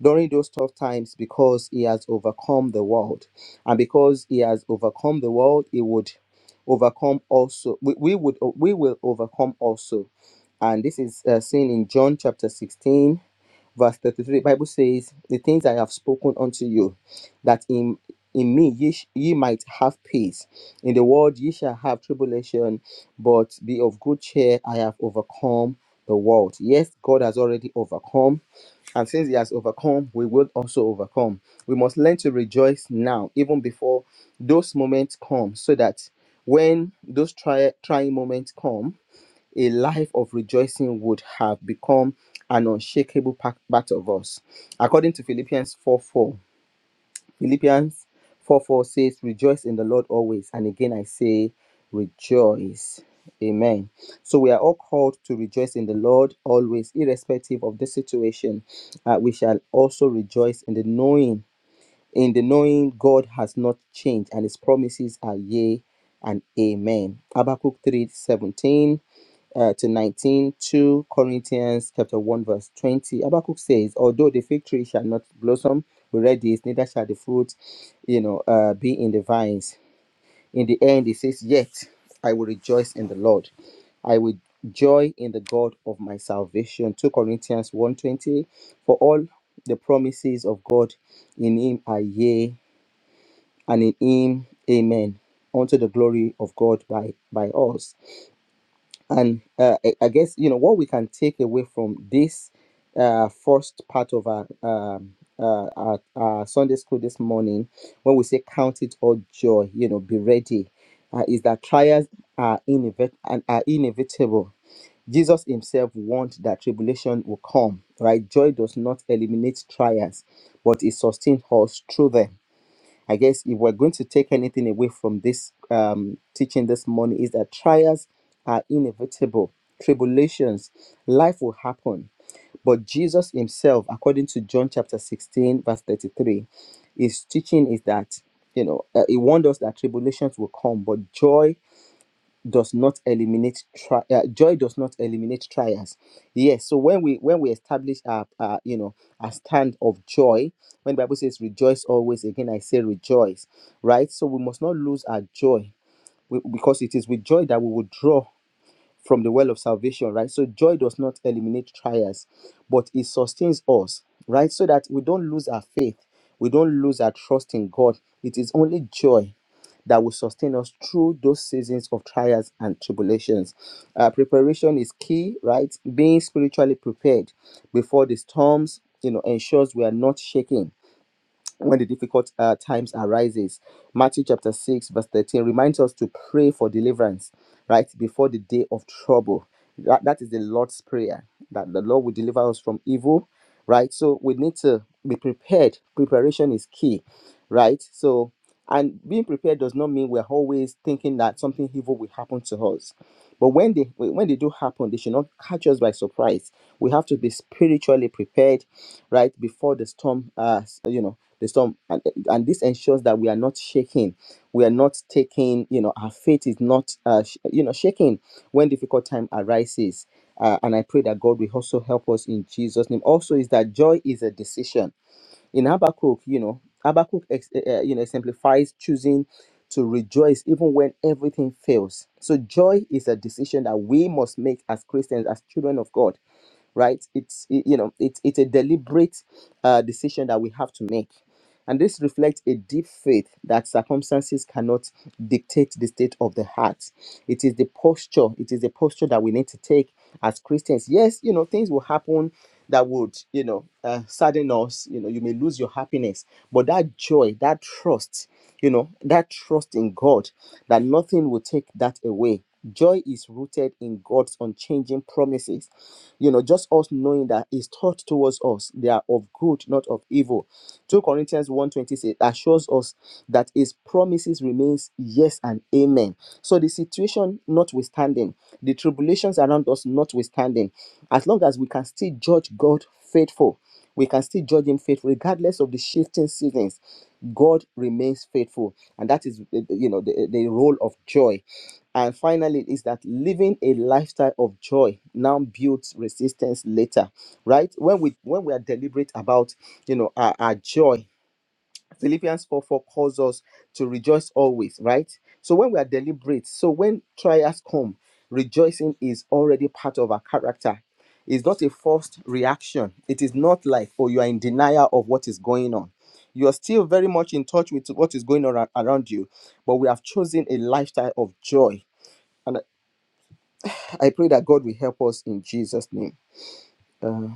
C: during those tough times because he has overcome the world. And because he has overcome the world, he would overcome also. We, we would we will overcome also. And this is uh, seen in John chapter 16 Verse 33, Bible says, The things I have spoken unto you, that in in me ye, sh- ye might have peace. In the world ye shall have tribulation, but be of good cheer, I have overcome the world. Yes, God has already overcome. And since he has overcome, we will also overcome. We must learn to rejoice now, even before those moments come, so that when those try, trying moments come, a life of rejoicing would have become an unshakable pa- part of us. According to Philippians 4 4, Philippians 4 4 says, Rejoice in the Lord always. And again, I say, Rejoice. Amen. So we are all called to rejoice in the Lord always, irrespective of the situation. Uh, we shall also rejoice in the knowing in the knowing God has not changed and his promises are yea and amen. Habakkuk 3 17 uh, to 19 2 Corinthians chapter 1, verse 20. Habakkuk says, Although the fig tree shall not blossom, we read this, neither shall the fruit, you know, uh, be in the vines. In the end, it says, Yet I will rejoice in the Lord. I will joy in the God of my salvation. 2 Corinthians one twenty. For all the promises of God in him are yea, and in him amen. Unto the glory of God by, by us and uh, I I guess you know what we can take away from this uh, first part of our, um uh, our our Sunday school this morning, when we say count it all joy, you know, be ready, uh, is that trials are inevit- and are inevitable. Jesus Himself warned that tribulation will come. Right, joy does not eliminate trials, but it sustains us through them I guess if we're going to take anything away from this um, teaching this morning, is that trials are inevitable, tribulations, life will happen. But Jesus himself, according to John chapter 16, verse 33, his teaching is that, you know, uh, he warned us that tribulations will come, but joy does not eliminate tri- uh, joy does not eliminate trials yes so when we when we establish our, our you know a stand of joy when the bible says rejoice always again i say rejoice right so we must not lose our joy we- because it is with joy that we will draw from the well of salvation, right? So joy does not eliminate trials, but it sustains us, right? So that we don't lose our faith, we don't lose our trust in God. It is only joy that will sustain us through those seasons of trials and tribulations. Uh, preparation is key, right? Being spiritually prepared before the storms, you know, ensures we are not shaken when the difficult uh, times arises matthew chapter 6 verse 13 reminds us to pray for deliverance right before the day of trouble that, that is the lord's prayer that the lord will deliver us from evil right so we need to be prepared preparation is key right so and being prepared does not mean we're always thinking that something evil will happen to us but when they when they do happen they should not catch us by surprise we have to be spiritually prepared right before the storm uh you know the storm and, and this ensures that we are not shaking we are not taking you know our faith is not uh sh- you know shaking when difficult time arises uh, and i pray that god will also help us in jesus name also is that joy is a decision in habakkuk you know habakkuk ex- uh, you know exemplifies choosing to rejoice even when everything fails so joy is a decision that we must make as christians as children of god right it's y- you know it's it's a deliberate uh, decision that we have to make and this reflects a deep faith that circumstances cannot dictate the state of the heart it is the posture it is the posture that we need to take as christians yes you know things will happen that would you know uh, sadden us you know you may lose your happiness but that joy that trust you know that trust in god that nothing will take that away joy is rooted in god's unchanging promises you know, just us knowing that his thought towards us, they are of good, not of evil. 2 Corinthians one twenty says, assures us that his promises remains yes and amen. So the situation notwithstanding, the tribulations around us notwithstanding, as long as we can still judge God faithful, we can still judge him faithful, regardless of the shifting seasons. God remains faithful, and that is, eh, eh, you know, the, eh, the role of joy. And finally, is that living a lifestyle of joy now builds resistance later, right? When we when we are deliberate about you know our, our joy, Philippians 4 4 calls us to rejoice always, right? So when we are deliberate, so when trials come, rejoicing is already part of our character. It's not a forced reaction. It is not like, oh, you are in denial of what is going on. You are still very much in touch with what is going on ar- around you, but we have chosen a lifestyle of joy and. I pray that God will help us in Jesus' name. Uh,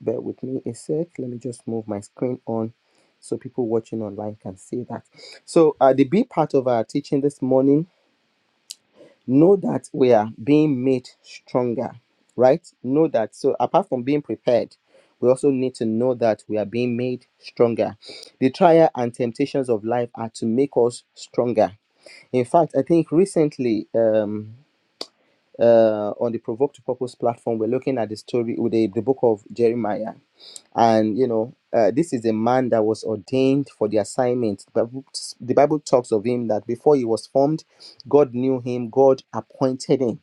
C: bear with me a sec. Let me just move my screen on so people watching online can see that. So, uh, the big part of our teaching this morning know that we are being made stronger, right? Know that. So, apart from being prepared, we also need to know that we are being made stronger. The trial and temptations of life are to make us stronger. In fact, I think recently, um, uh, on the Provoke to Purpose platform, we're looking at the story with the, the book of Jeremiah. And, you know, uh, this is a man that was ordained for the assignment. The Bible, the Bible talks of him that before he was formed, God knew him, God appointed him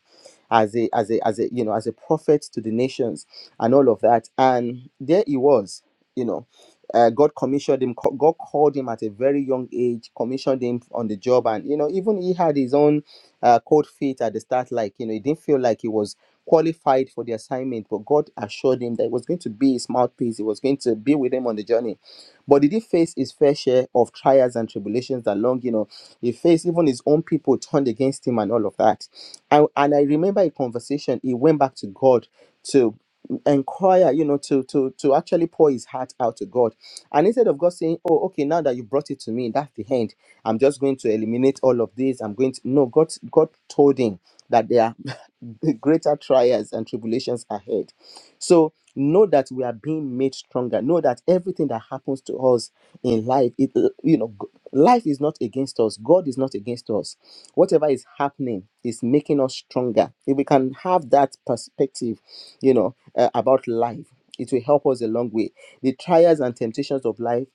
C: as a as a as a you know as a prophet to the nations and all of that and there he was you know uh, god commissioned him co- god called him at a very young age commissioned him on the job and you know even he had his own uh, cold feet at the start. Like, you know, he didn't feel like he was qualified for the assignment, but God assured him that it was going to be his mouthpiece. He was going to be with him on the journey. But he did face his fair share of trials and tribulations along, you know, he faced even his own people turned against him and all of that. And, and I remember a conversation, he went back to God to inquire you know to to to actually pour his heart out to god and instead of god saying oh okay now that you brought it to me that's the end i'm just going to eliminate all of this i'm going to no god god told him that there are greater trials and tribulations ahead so know that we are being made stronger know that everything that happens to us in life it you know g- life is not against us god is not against us whatever is happening is making us stronger if we can have that perspective you know, uh, about life. It will help us a long way. The trials and temptations of life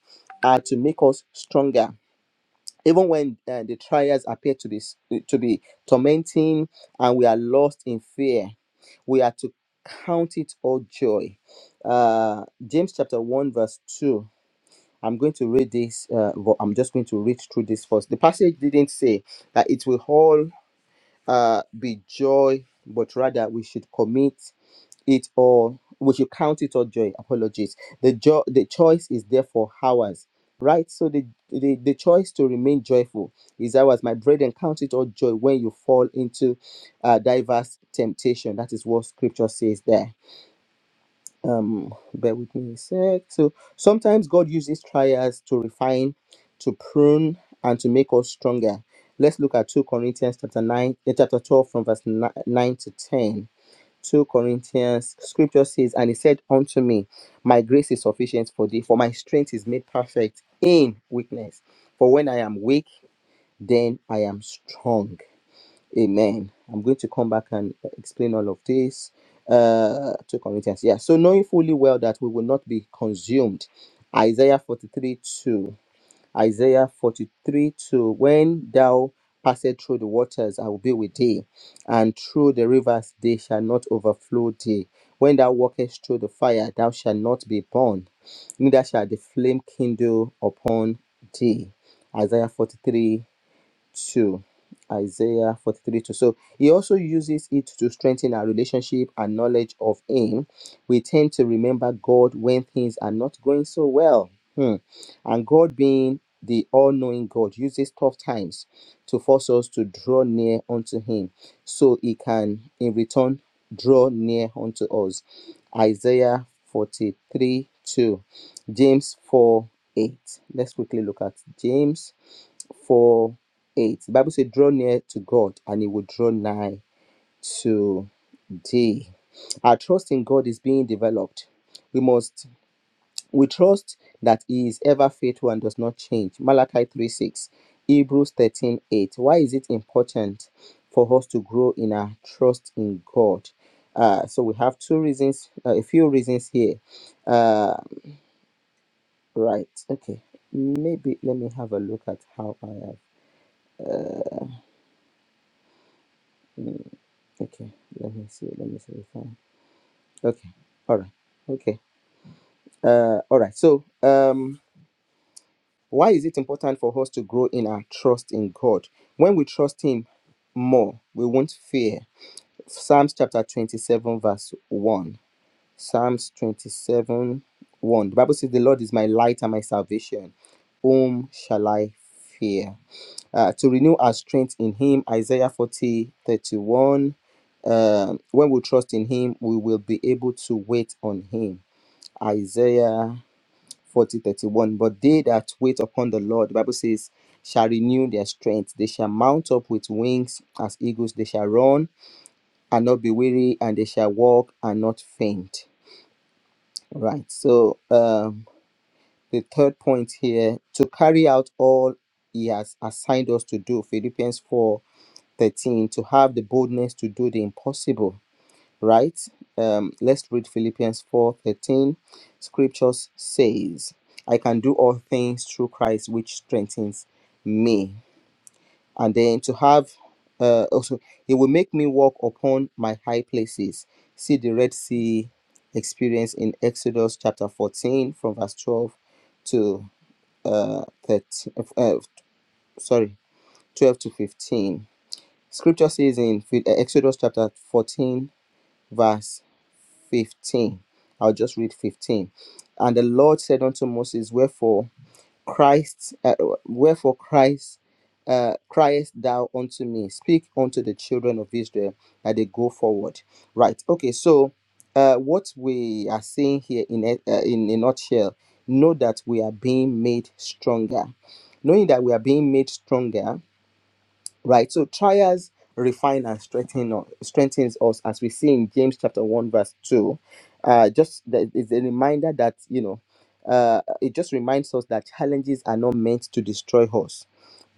C: are to make us stronger. Even when uh, the trials appear to be s- to be tormenting and we are lost in fear, we are to count it all joy. Uh, James chapter 1, verse 2. I'm going to read this, uh, but I'm just going to read through this first. The passage didn't say that it will all uh, be joy, but rather we should commit it all we should count it all joy apologies the joy the choice is therefore ours right so the, the the choice to remain joyful is ours my brethren count it all joy when you fall into uh, diverse temptation that is what scripture says there um bear with me a sec so sometimes god uses trials to refine to prune and to make us stronger let's look at 2 corinthians chapter 9 eh, chapter 12 from verse ni- 9 to 10 2 Corinthians scripture says, And he said unto me, My grace is sufficient for thee, for my strength is made perfect in weakness. For when I am weak, then I am strong. Amen. I'm going to come back and explain all of this. Uh 2 Corinthians. Yeah. So knowing fully well that we will not be consumed. Isaiah 43 2. Isaiah 43 2 When thou passest through the waters, I will be with thee, and through the rivers, they shall not overflow thee. When thou walkest through the fire, thou shalt not be burned, neither shall the flame kindle upon thee. Isaiah forty three. 2 isaiah 43 2 so he also uses it to strengthen our relationship and knowledge of him we tend to remember god when things are not going so well Hmm. and god being the all-knowing god uses tough times to force us to draw near unto him so he can in return draw near unto us isaiah 43 2 james 4 8 let's quickly look at james 4 8. The Bible says, Draw near to God, and He will draw nigh to thee. Our trust in God is being developed. We must we trust that He is ever faithful and does not change. Malachi 3 6, Hebrews 13 8. Why is it important for us to grow in our trust in God? Uh, so we have two reasons, uh, a few reasons here. Uh, right, okay. Maybe let me have a look at how I have. Okay, let me see. Let me see if I. Okay, all right. Okay, uh, all right. So, um, why is it important for us to grow in our trust in God? When we trust Him more, we won't fear. Psalms chapter 27, verse 1. Psalms 27, 1. The Bible says, The Lord is my light and my salvation. Whom shall I fear? Uh, to renew our strength in Him, Isaiah 40 31. Um, when we trust in him, we will be able to wait on him. Isaiah 40 31. But they that wait upon the Lord, the Bible says, shall renew their strength. They shall mount up with wings as eagles. They shall run and not be weary, and they shall walk and not faint. All Right. So um, the third point here to carry out all he has assigned us to do, Philippians 4 13 to have the boldness to do the impossible right? Um, let's read Philippians 4:13. Scriptures says, I can do all things through Christ which strengthens me. And then to have uh, also it will make me walk upon my high places. See the Red Sea experience in Exodus chapter 14 from verse 12 to uh, 13, uh, sorry, 12 to 15. Scripture says in Phil- uh, Exodus chapter 14 verse 15. I'll just read 15. And the Lord said unto Moses, Wherefore Christ, uh, wherefore Christ, uh, criest thou unto me? Speak unto the children of Israel that they go forward. Right. Okay. So, uh, what we are seeing here in a, uh, in a nutshell, know that we are being made stronger. Knowing that we are being made stronger right so trials refine and strengthen us, strengthens us as we see in james chapter 1 verse 2 uh just that is a reminder that you know uh it just reminds us that challenges are not meant to destroy us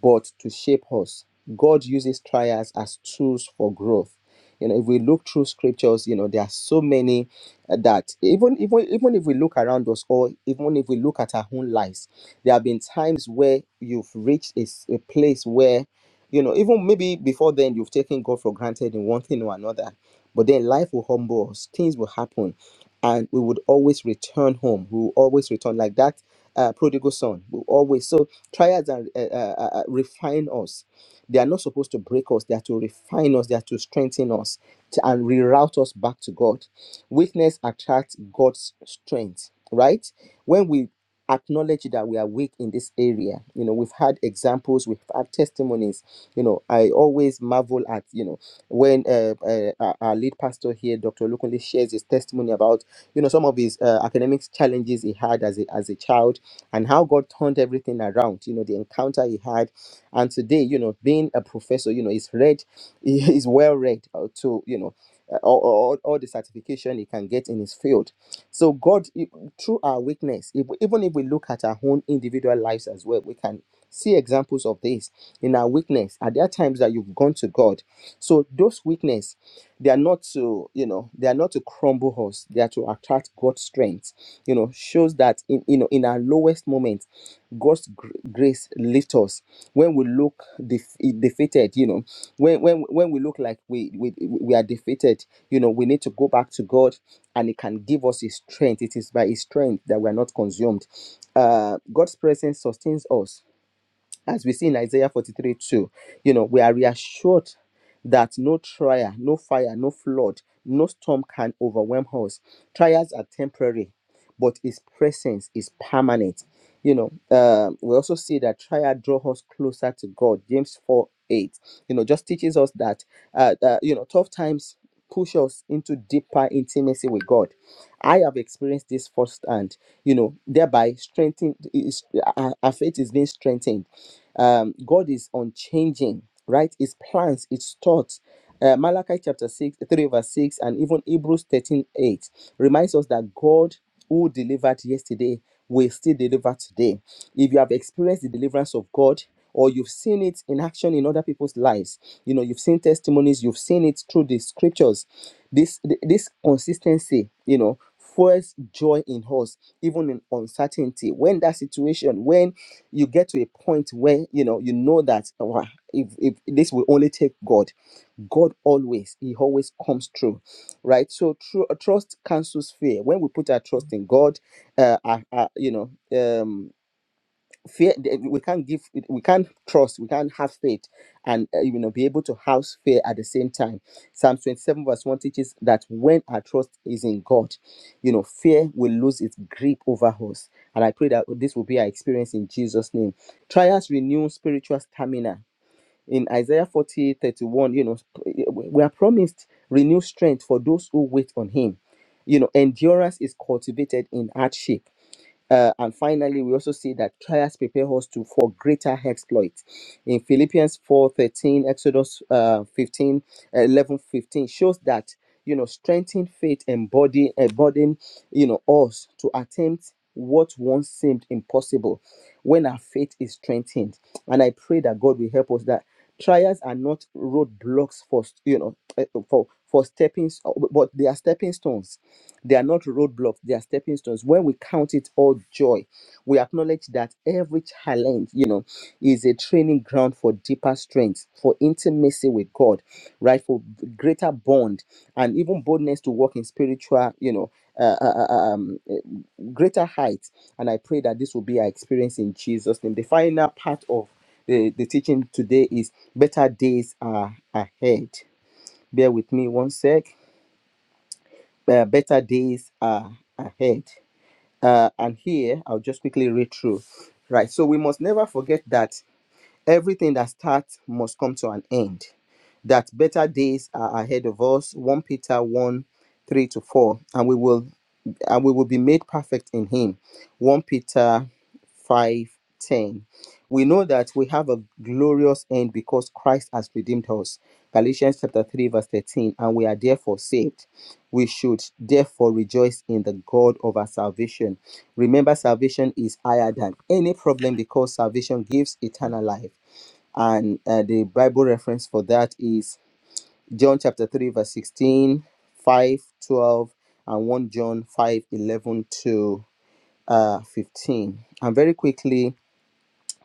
C: but to shape us. God uses trials as tools for growth. You know, if we look through scriptures, you know, there are so many uh, that even even even if we look around us, or even if we look at our own lives, there have been times where you've reached a, s- a place where, you know, even maybe before then you've taken God for granted in one thing or another, but then life will humble us, things will happen, and we would always return home. We will always return like that uh, prodigal son. We always so Trials are, uh, uh, uh, refine us. They are not supposed to break us. They are to refine us. They are to strengthen us to- and reroute us back to God. Weakness attracts God's strength, right? When we acknowledge that we are weak in this area, you know, we've had examples, we've had testimonies. You know, I always marvel at, you know, when uh, uh, our our lead pastor here, Dr. Lukunle, shares his testimony about, you know, some of his uh, academic challenges he had as a, as a child and how God turned everything around, you know, the encounter he had. And today, you know, being a professor, you know, he's read, he is well read uh, to, you know, uh, all, all, all the certification he can get in his field. So God, e- through our weakness, if, we- even if we look at our own individual lives as well, we can see examples of this in our weakness. Are there times that you've gone to God? So those weakness, they are not to, you know, they are not to crumble us. They are to attract God's strength you know shows that in you know in our lowest moments god's gr- grace lifts us when we look def- defeated you know when when when we look like we, we we are defeated you know we need to go back to god and he can give us his strength it is by his strength that we are not consumed uh god's presence sustains us as we see in Isaiah 43 2, you know, we are reassured that no trial, no fire, no flood, no storm can overwhelm us. Trials are temporary, but His presence is permanent. You know, um, we also see that trial draw us closer to God. James 4 8, you know, just teaches us that, uh, uh, you know, tough times push us into deeper intimacy with God. I have experienced this firsthand, you know, thereby strengthened, is, our our faith is being strengthened um, God is unchanging, right? His plans, his thoughts. Uh, Malachi chapter 6, 3 verse 6, and even Hebrews 13 8 reminds us that God who delivered yesterday will still deliver today. If you have experienced the deliverance of God, or you've seen it in action in other people's lives, you know, you've seen testimonies, you've seen it through the scriptures. This th- this consistency, you know, fuels joy in us, even in uncertainty. When that situation, when you get to a point where you know you know that "Wow, if, if this will only take god god always he always comes through right so true trust cancels fear when we put our trust in god uh, our- our, you know um fear th- we can't give we can't trust we can't have faith and uh, you know be able to house fear at the same time psalm 27 verse 1 teaches that when our trust is in god you know fear will lose its grip over us and i pray that this will be our experience in jesus name trials renew spiritual stamina in isaiah 40 thirty-one, you know we are promised renewed strength for those who wait on him you know endurance is cultivated in hardship uh, and finally, we also see that trials prepare us to for greater exploits. In Philippians 4:13, Exodus uh, 15, uh, 11, 15 shows that you know strengthened faith embody embodying you know us to attempt what once seemed impossible when our faith is strengthened. And I pray that God will help us that trials are not roadblocks for you know eh, for for stepping, but they are stepping stones they are not roadblocks, they are stepping stones. When we count it all joy, we acknowledge that every challenge, you know, is a training ground for deeper strength, for intimacy with God, right? For greater bond and even boldness to walk in spiritual, you know, uh, uh, uh, uh, um, uh, greater heights. And I pray that this will be our experience in Jesus' name. The final part of the, the teaching today is better days are ahead. Bear with me one sec uh, better days are ahead. Uh, and here, I'll just quickly read through. Right. So we must never forget that Everything that starts must come to an end. That better days are ahead of us. 1 Peter 1 3 to 4. And we will and we will be made perfect in him. 1 Peter 5 10. We know that we have a glorious end because Christ has redeemed us. Galatians chapter 3, verse 13. And we are therefore saved. We should therefore rejoice in the God of our salvation. Remember, salvation is higher than any problem because salvation gives eternal life and uh, the bible reference for that is john chapter 3 verse 16, 5 12, and 1 john 5 11 to uh, 15 and very quickly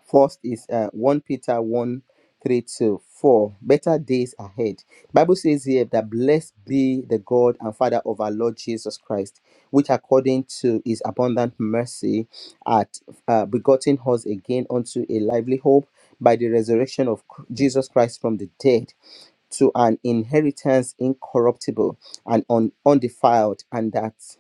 C: First is uh, 1 Peter 1 3 to 4. Better days ahead. Bible says here that blessed be the God and Father of our Lord Jesus Christ, which according to his abundant mercy hath uh, begotten us again unto a lively hope by the resurrection of Cr- Jesus Christ from the dead to an inheritance incorruptible and un- undefiled and that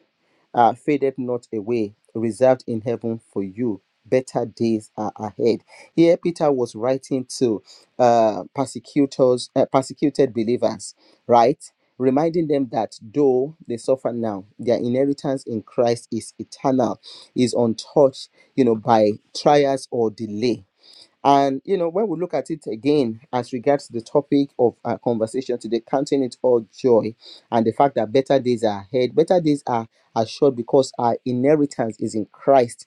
C: uh, faded not away, reserved in heaven for you. Better days are ahead. Here, Peter was writing to uh, persecutors, uh, persecuted believers, right? Reminding them that though they suffer now, their inheritance in Christ is eternal, is untouched, you know, by trials or delay. And you know, when we look at it again as regards to the topic of our conversation today, counting it all joy, and the fact that better days are ahead, better days are assured because our inheritance is in Christ.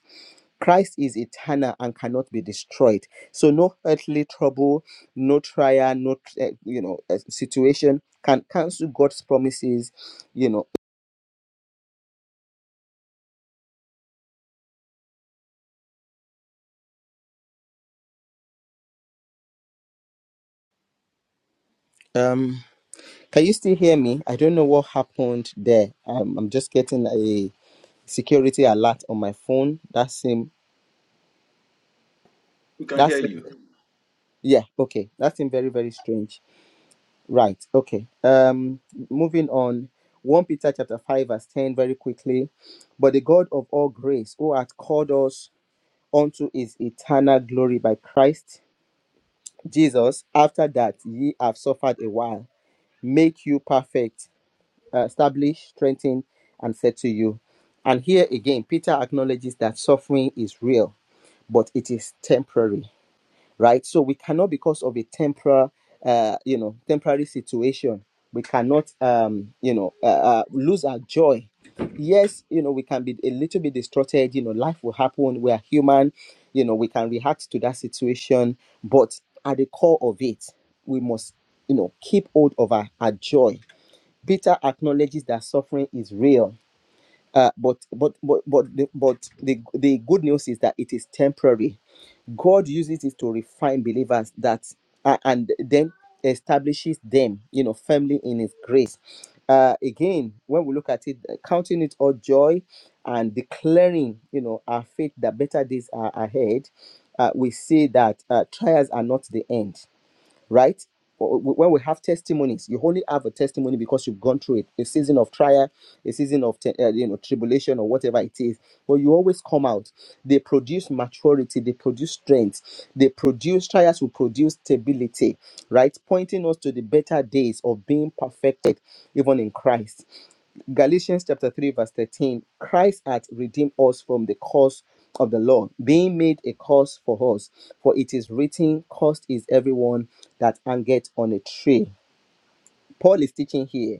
C: Christ is eternal and cannot be destroyed. So no earthly trouble, no trial, no eh, you know eh, situation can cancel God's promises. You know. Um. Can you still hear me? I don't know what happened there. Um, I'm just getting a security alert on my phone. That same that same yeah, okay. That seemed very, very strange. Right, okay. Um moving on. 1 Peter chapter 5, verse 10, very quickly. But the God of all grace, who hath called us unto his eternal glory by Christ Jesus, after that ye have suffered a while, make you perfect, uh, establish, strengthen, and settle you. And here again, Peter acknowledges that suffering is real, but it is temporary right? So we cannot, because of a temporal, uh, you know, temporary situation, we cannot, um, you know, uh, uh, lose our joy. Yes, you know, we can be a little bit distorted. You know, life will happen. We are human. You know, we can react to that situation, but at the core of it, we must, you know, keep hold of our, our joy. Peter acknowledges that suffering is real uh, but but but but the, but the the good news is that it is temporary. God uses it to refine believers that uh, and then establishes them, you know, firmly in His grace. Uh, again, when we look at it, uh, counting it all joy and declaring, you know, our faith that better days are ahead, uh, we see that uh, trials are not the end right? When we have testimonies, you only have a testimony because you've gone through it, a season of trial, a season of te- uh, you know tribulation or whatever it is. But you always come out. They produce maturity, they produce strength, they produce trials will produce stability, right? Pointing us to the better days of being perfected, even in Christ. Galatians chapter 3, verse 13 Christ hath redeemed us from the curse of the law, being made a curse for us. For it is written, Cursed is everyone that hangeth on a tree. Paul is teaching here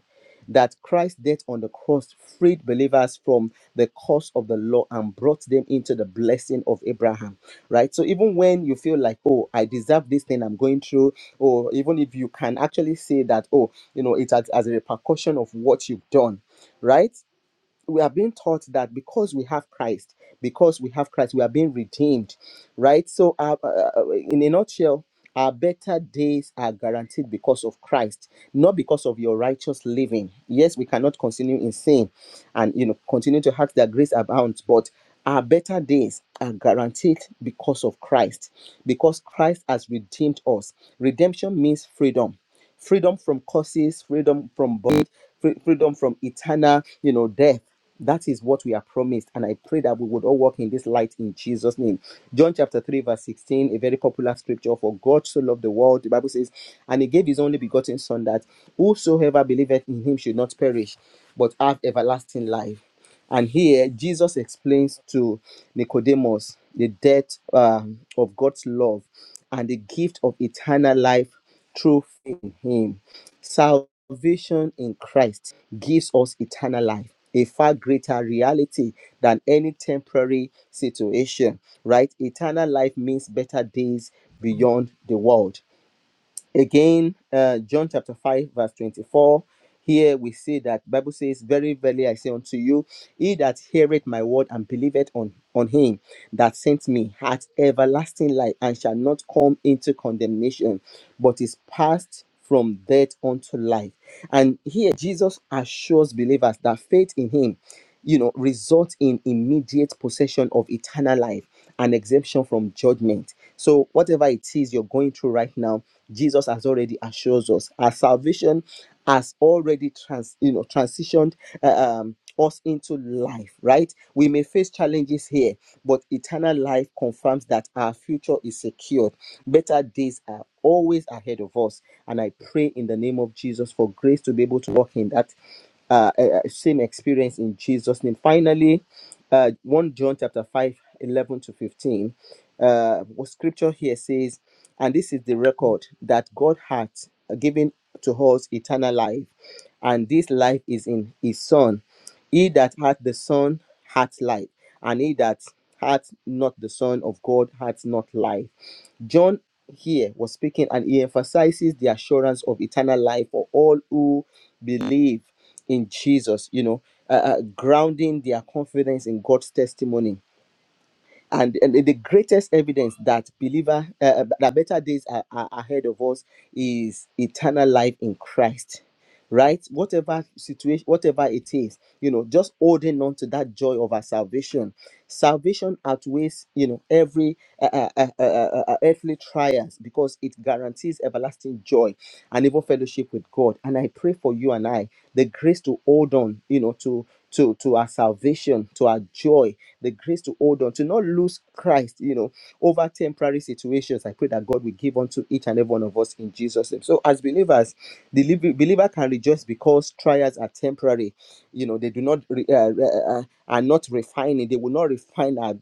C: that Christ's death on the cross freed believers from the curse of the law and brought them into the blessing of Abraham, right? So even when you feel like, oh, I deserve this thing I'm going through, or even if you can actually say that, oh, you know, it's as, as a repercussion of what you've done, right? we are being taught that because we have Christ, because we have Christ, we are being redeemed, right? So, uh, uh, uh, in a nutshell, our better days are guaranteed because of Christ, not because of your righteous living. Yes, we cannot continue in sin, and you know continue to ask that grace abounds, but our better days are guaranteed because of Christ, because Christ has redeemed us. Redemption means freedom freedom from curses, freedom from bondage, free- freedom from eternal, you know, death. That is what we are promised, and I pray that we would all walk in this light in Jesus' name. John chapter 3, verse 16, a very popular scripture for God so loved the world, the Bible says, and he gave his only begotten Son that whosoever believeth in him should not perish, but have everlasting life. And here Jesus explains to Nicodemus the depth um, of God's love and the gift of eternal life through faith in Him. Salvation in Christ gives us eternal life, a far greater reality than any temporary situation, right? Eternal life means better days beyond the world again uh, john chapter 5 verse 24 here we see that bible says very verily i say unto you he that heareth my word and believeth on on him that sent me hath everlasting life and shall not come into condemnation but is passed from death unto life and here jesus assures believers that faith in him you know, result in immediate possession of eternal life and exemption from judgment. So, whatever it is you're going through right now, Jesus has already assures us our salvation has already trans, you know, transitioned uh, um, us into life. Right? We may face challenges here, but eternal life confirms that our future is secured. Better days are always ahead of us, and I pray in the name of Jesus for grace to be able to walk in that uh, uh, same experience in Jesus' name. Finally, uh, 1 John chapter 5 11 to 15. Uh, what scripture here says, and this is the record that God hath given to us eternal life, and this life is in his Son. He that hath the Son hath life, and he that hath not the Son of God hath not life. John here was speaking and he emphasizes the assurance of eternal life for all who believe in Jesus, you know, uh, uh, grounding their confidence in God's testimony and, and the greatest evidence that believer uh, uh, that better days are, are ahead of us is eternal life in christ right whatever situation whatever it is you know just holding on to that joy of our salvation salvation outweighs you know every uh, uh, uh, uh, uh, uh, uh, earthly trials because it guarantees everlasting joy and even fellowship with god and i pray for you and i the grace to hold on you know to to to our salvation to our joy the grace to hold on, to not lose Christ, you know, over temporary situations. I pray that God will give unto each and every one of us in Jesus' name. So, as believers, the believer believer can rejoice because trials are temporary. You know, they do not re- uh, uh, are not refining. They will not refine our,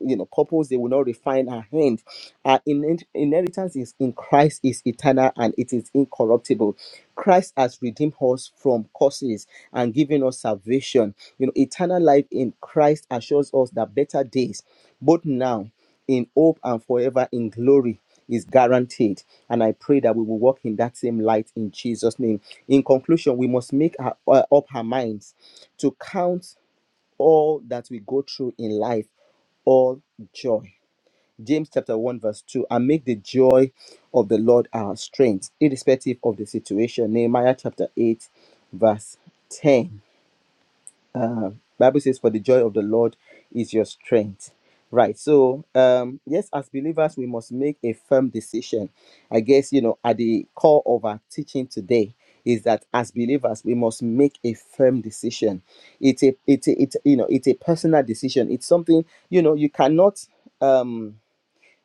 C: you know, couples. They will not refine our hand. Our in inheritance is in Christ is eternal and it is incorruptible. Christ has redeemed us from curses and given us salvation. You know, eternal life in Christ assures us that better days, both now, in hope, and forever in glory. Is guaranteed, and I pray that we will walk in that same light in Jesus' name. In conclusion, we must make our, uh, up our minds to count all that we go through in life all joy. James chapter 1, verse 2. And make the joy of the Lord our strength, irrespective of the situation. Nehemiah chapter 8, verse 10 uh, bible says for the joy of the lord is your strength right so um yes as believers we must make a firm decision i guess you know at the core of our teaching today is that as believers we must make a firm decision it's a it's a, it's you know it's a personal decision it's something you know you cannot um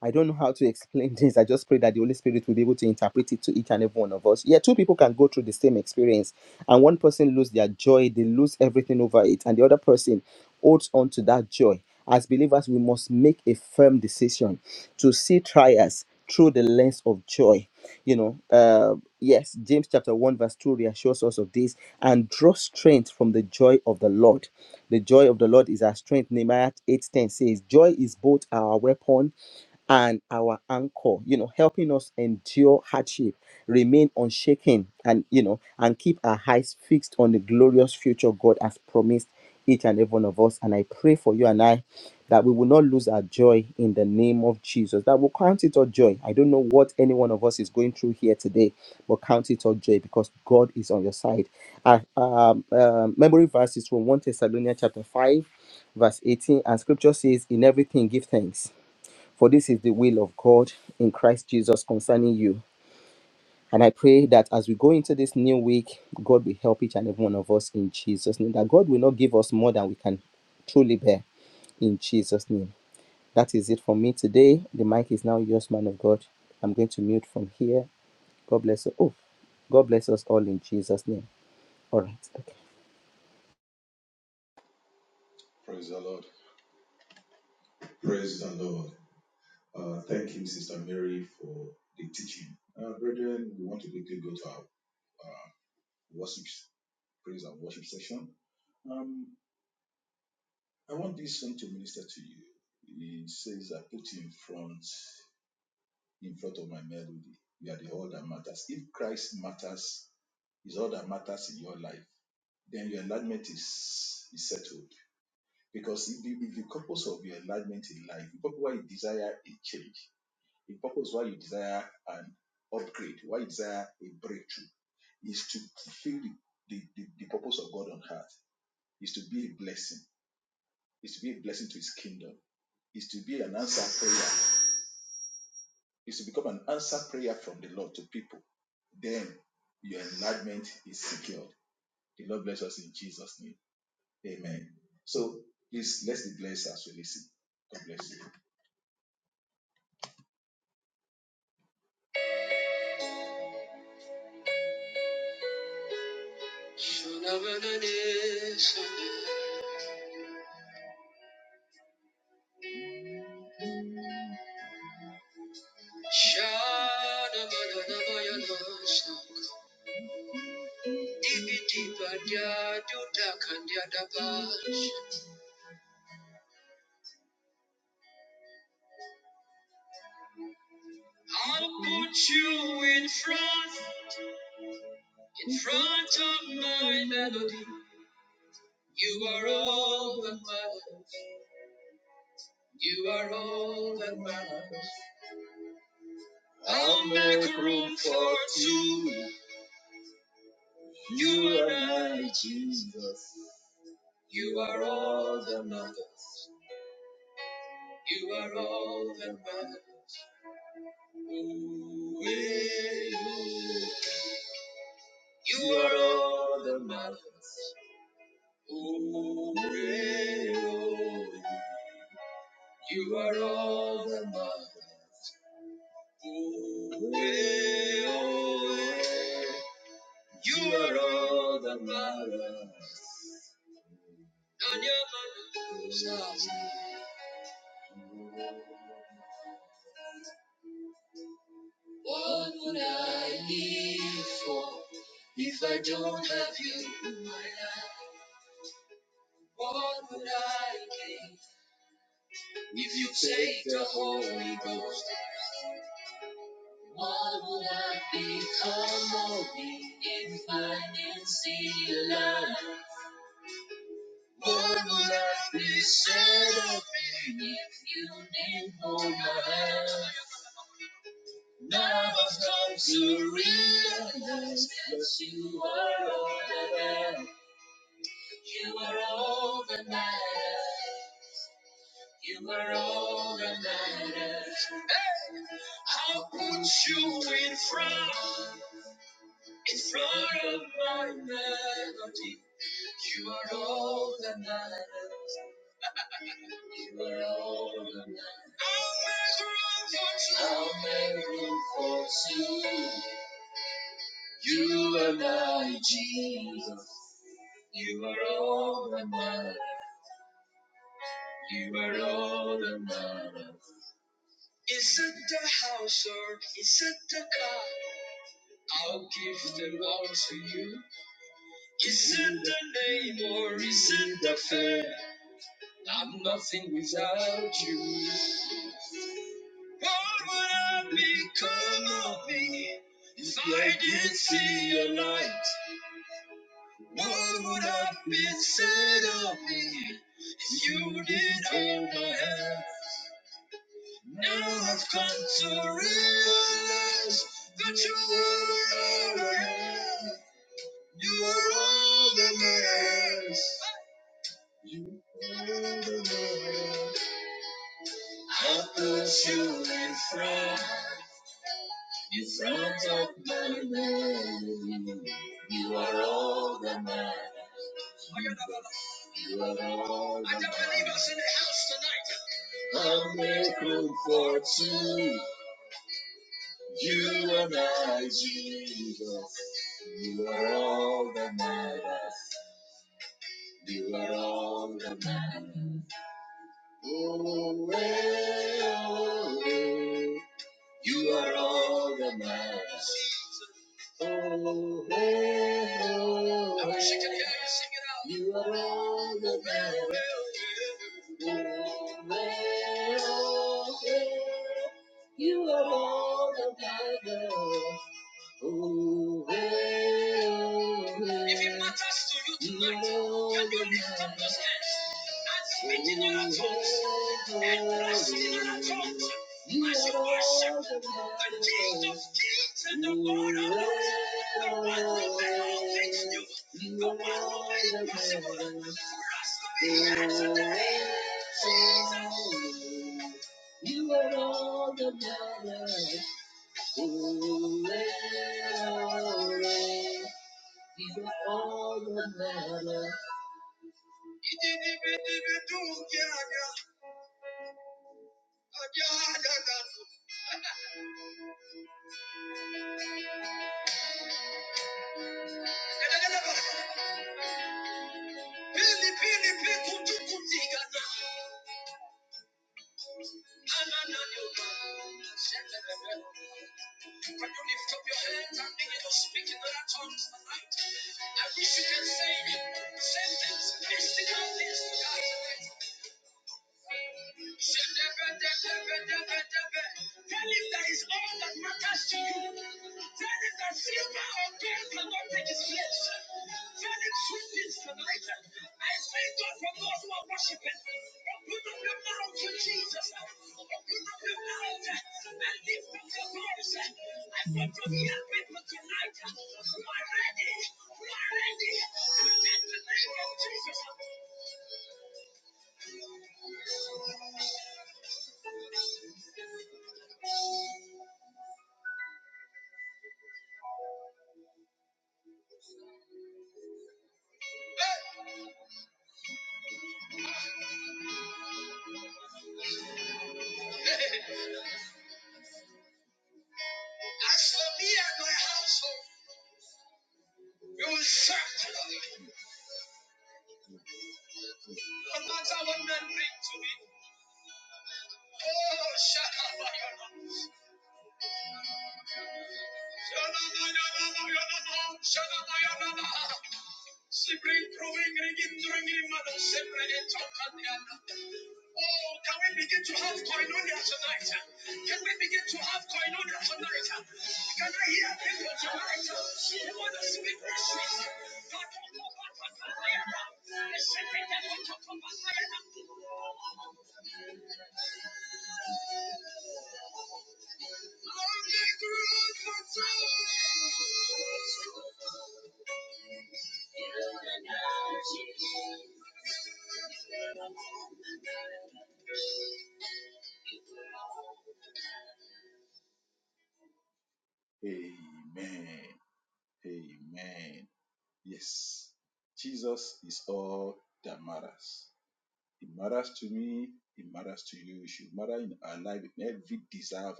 C: I don't know how to explain this. I just pray that the Holy Spirit will be able to interpret it to each and every one of us. Yeah, two people can go through the same experience, and one person lose their joy, they lose everything over it, and the other person holds on to that joy. As believers, we must make a firm decision to see trials through the lens of joy. You know, uh, yes, James chapter 1, verse 2 reassures us of this and draw strength from the joy of the Lord. The joy of the Lord is our strength. Nehemiah 8:10 says, Joy is both our weapon and our anchor you know helping us endure hardship remain unshaken and you know and keep our eyes fixed on the glorious future god has promised each and every one of us and i pray for you and i that we will not lose our joy in the name of jesus that will count it all joy i don't know what any one of us is going through here today but count it all joy because god is on your side our um, um, memory verse is from 1 thessalonians chapter 5 verse 18 and scripture says in everything give thanks for this is the will of God in Christ Jesus concerning you. And I pray that as we go into this new week, God will help each and every one of us in Jesus' name. That God will not give us more than we can truly bear in Jesus' name. That is it for me today. The mic is now yours, man of God. I'm going to mute from here. God bless you. Oh, God bless us all in Jesus' name. All right. Okay.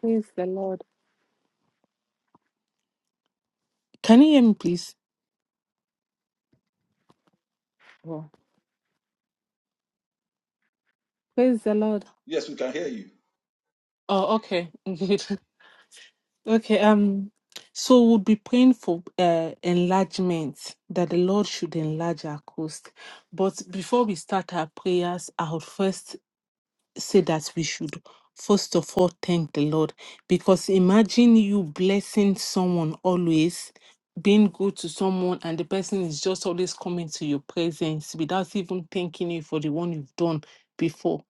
B: Praise the Lord. Can you hear me, please? Oh, praise the Lord. Oh, okay. Okay, um, so we'll be praying for uh, enlargement, that the Lord should enlarge our coast. But before we start our prayers, I would first say that we should first of all thank the Lord. Because imagine you blessing someone always, being good to someone, and the person is just always coming to your presence without even thanking you for the one you've done before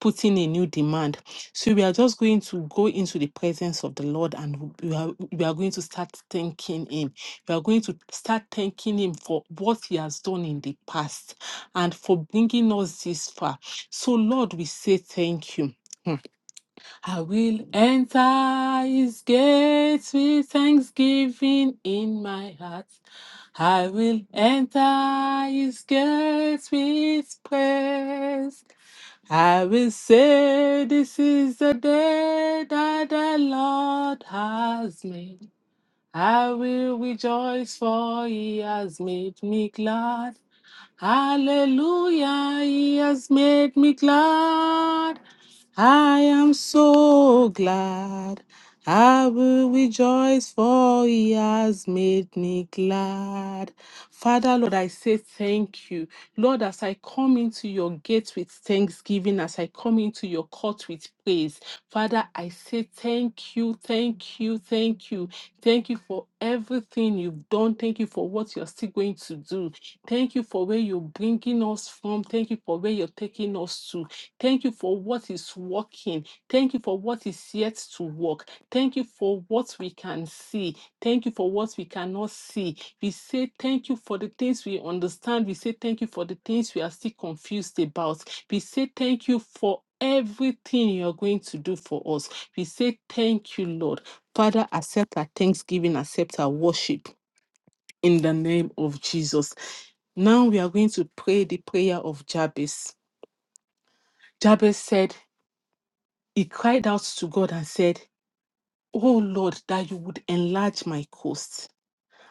B: putting a new demand. So we are just going to go into the presence of the Lord and we are, we are going to start thanking Him. We are going to start thanking Him for what He has done in the past and for bringing us this far. So, Lord, we say thank you. I will enter His gates with thanksgiving in my heart. I will enter His gates with praise. I will say this is the day that the Lord has made. I will rejoice for he has made me glad. Hallelujah, he has made me glad. I am so glad. I will rejoice for he has made me glad. Father, Lord, I say thank you. Lord, as I come into your gate with thanksgiving, as I come into your court with praise, Father, I say thank you, thank you, thank you. Thank you for everything you've done. Thank you for what you're still going to do. Thank you for where you're bringing us from. Thank you for where you're taking us to. Thank you for what is working. Thank you for what is yet to work. Thank you for what we can see. Thank you for what we cannot see. We say thank you for the things we understand. We say thank you for the things we are still confused about. We say thank you for everything you're going to do for us. We say thank you, Lord. Father, accept our thanksgiving, accept our worship in the name of Jesus. Now we are going to pray the prayer of Jabez. Jabez said, He cried out to God and said, Oh Lord, that you would enlarge my coast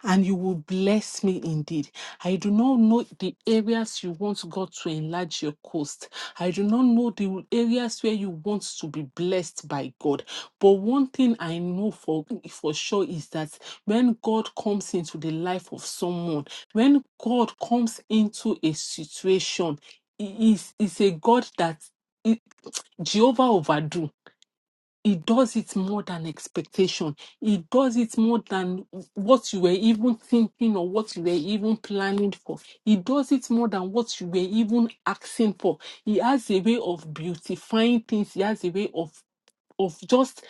B: and you will bless me indeed. I do not know the areas you want God to enlarge your coast. I do not know the areas where you want to be blessed by God. But one thing I know for, for sure is that when God comes into the life of someone, when God comes into a situation, he is, is a God that Jehovah overdo he does it more than expectation. He does it more than what you were even thinking or what you were even planning for. He does it more than what you were even asking for. He has a way of beautifying things. He has a way of of just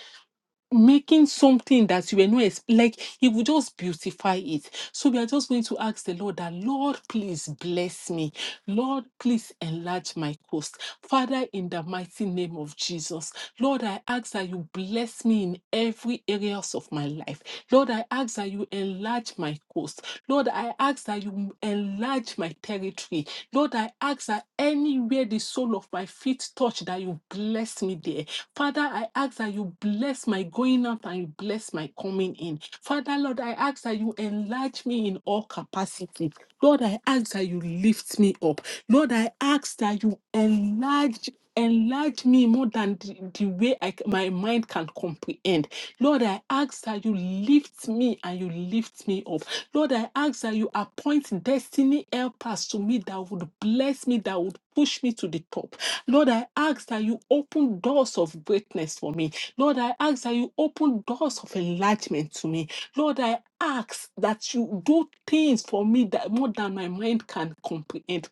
B: making something that you were not ex- like he would just beautify it so we are just going to ask the lord that lord please bless me lord please enlarge my coast father in the mighty name of jesus lord i ask that you bless me in every areas of my life lord i ask that you enlarge my coast lord i ask that you enlarge my territory lord i ask that anywhere where the sole of my feet touch, that you bless me there. Father, I ask that you bless my going out and you bless my coming in. Father, Lord, I ask that you enlarge me in all capacity. Lord, I ask that you lift me up. Lord, I ask that you enlarge enlarge me more than the, the way I, c- my mind can comprehend. Lord, I ask that you lift me and you lift me up. Lord, I ask that you appoint destiny helpers to me that would bless me, that would push me to the top. Lord, I ask that you open doors of greatness for me. Lord, I ask that you open doors of enlightenment to me. Lord, I ask that you do things for me that more than my mind can comprehend.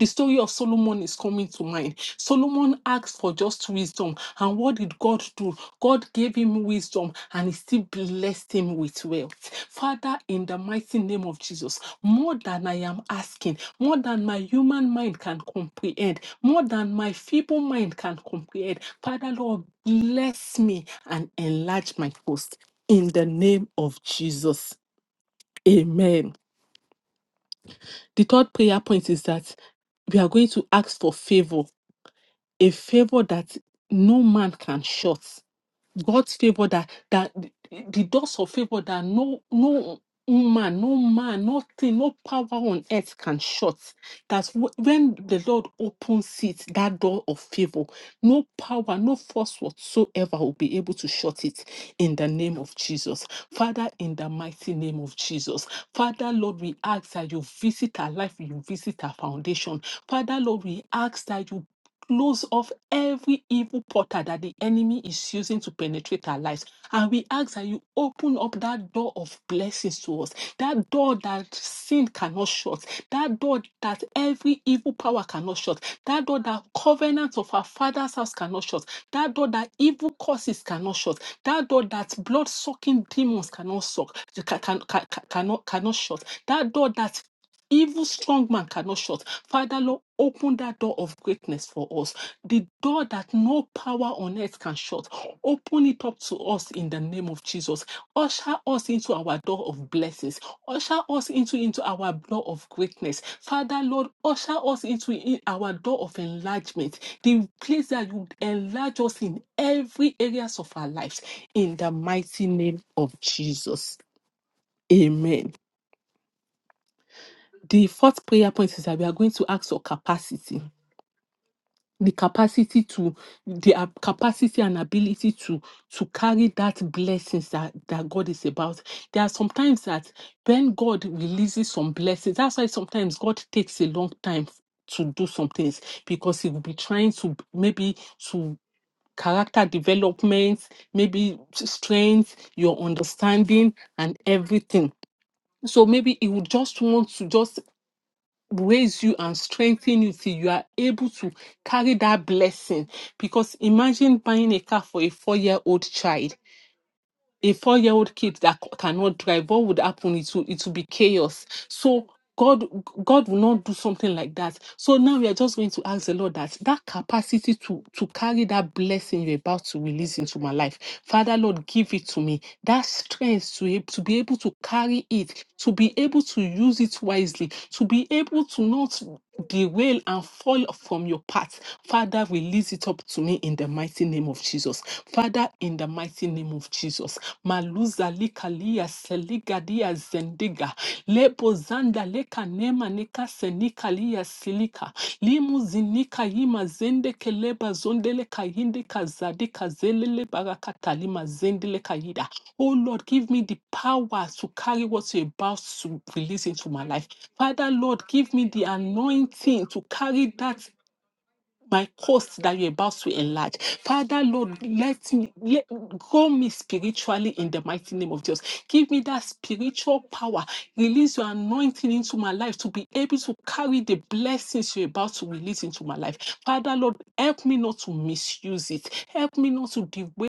B: The story of Solomon is coming to mind. Solomon asked for just wisdom. And what did God do? God gave him wisdom and he still blessed him with wealth. Father, in the mighty name of Jesus, more than I am asking, more than my human mind can comprehend, more than my feeble mind can comprehend, Father, Lord, bless me and enlarge my coast. In the name of Jesus. Amen. The third prayer point is that we are going to ask for favor a favor that no man can shut. God's favor that that the the doors of favor that no no man, no man, nothing, no power on earth can shut. That's wh- when the Lord opens it, that door of favor, no power, no force whatsoever will be able to shut it in the name of Jesus. Father, in the mighty name of Jesus. Father, Lord, we ask that you visit our life, you visit our foundation. Father, Lord, we ask that you close off every evil portal that the enemy is using to penetrate our lives. And we ask that you open up that door of blessings to us, that door that sin cannot shut, that door that every evil power cannot shut, that door that covenants of our father's house cannot shut, that door that evil curses cannot shut, that door that blood sucking demons cannot suck, ca- can, ca- ca- cannot, cannot shut, that door that even strong man cannot shut. Father, Lord, open that door of greatness for us. The door that no power on earth can shut. Open it up to us in the name of Jesus. Usher us into our door of blessings. Usher us into, into our door of greatness. Father, Lord, usher us into in our door of enlargement. The place that you enlarge us in every areas of our lives. In the mighty name of Jesus. Amen. The fourth prayer point is that we are going to ask for capacity. The capacity to the ab- capacity and ability to to carry that blessings that, that God is about. There are sometimes that when God releases some blessings, that's why sometimes God takes a long time f- to do some things because he will be trying to b- maybe to character development, maybe s- strength, your understanding, and everything. So maybe he would just want to just raise you and strengthen you till you are able to carry that blessing. Because imagine buying a car for a four year old child a four-year-old kid that c- cannot drive, what would happen? It will it will be chaos. So God God will not do something like that. So now we are just going to ask the Lord that that capacity to to carry that blessing you're about to release into my life, Father Lord, give it to me. That strength to ab- to be able to carry it, to be able to use it wisely, to be able to not derail and fall from your path. Father, release it up to me in the mighty mighty name of Jesus. Father, in the mighty name of Jesus. Maluza likalia seligadia zendiga. Lebo zanda leka nema nika senikalia silika. Limu zinika yima zende keleba zondele kayinde kazadi kazelele barakata lima zendele kayida. Oh Lord, give me the power to carry what you're about to release into my life. Father, Lord, give me the anointing to carry that my coast that you're about to enlarge. Father, Lord, let me let, grow me spiritually in the mighty name of Jesus. Give me that spiritual power. Release your anointing into my life to be able to carry the blessings you're about to release into my life. Father, Lord, help me not to misuse it. Help me not to deviate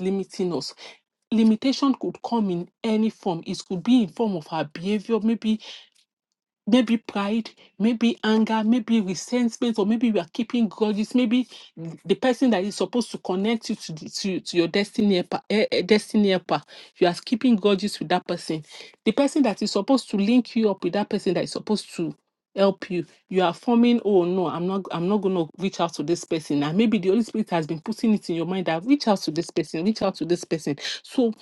B: limiting us limitation could come in any form. It could be in form of our behavior, maybe maybe pride, maybe anger, maybe resentment, or maybe we are keeping grudges. Maybe the person that is supposed to connect you to the, to, to your destiny helper, eh, eh, destiny helper, you are keeping grudges with that person. The person that is supposed to link you up with that person that is supposed to help you, you are forming. Oh no, I'm not. I'm not going to reach out to this person. And maybe the Holy Spirit has been putting it in your mind that reach out to this person, reach out to this person. So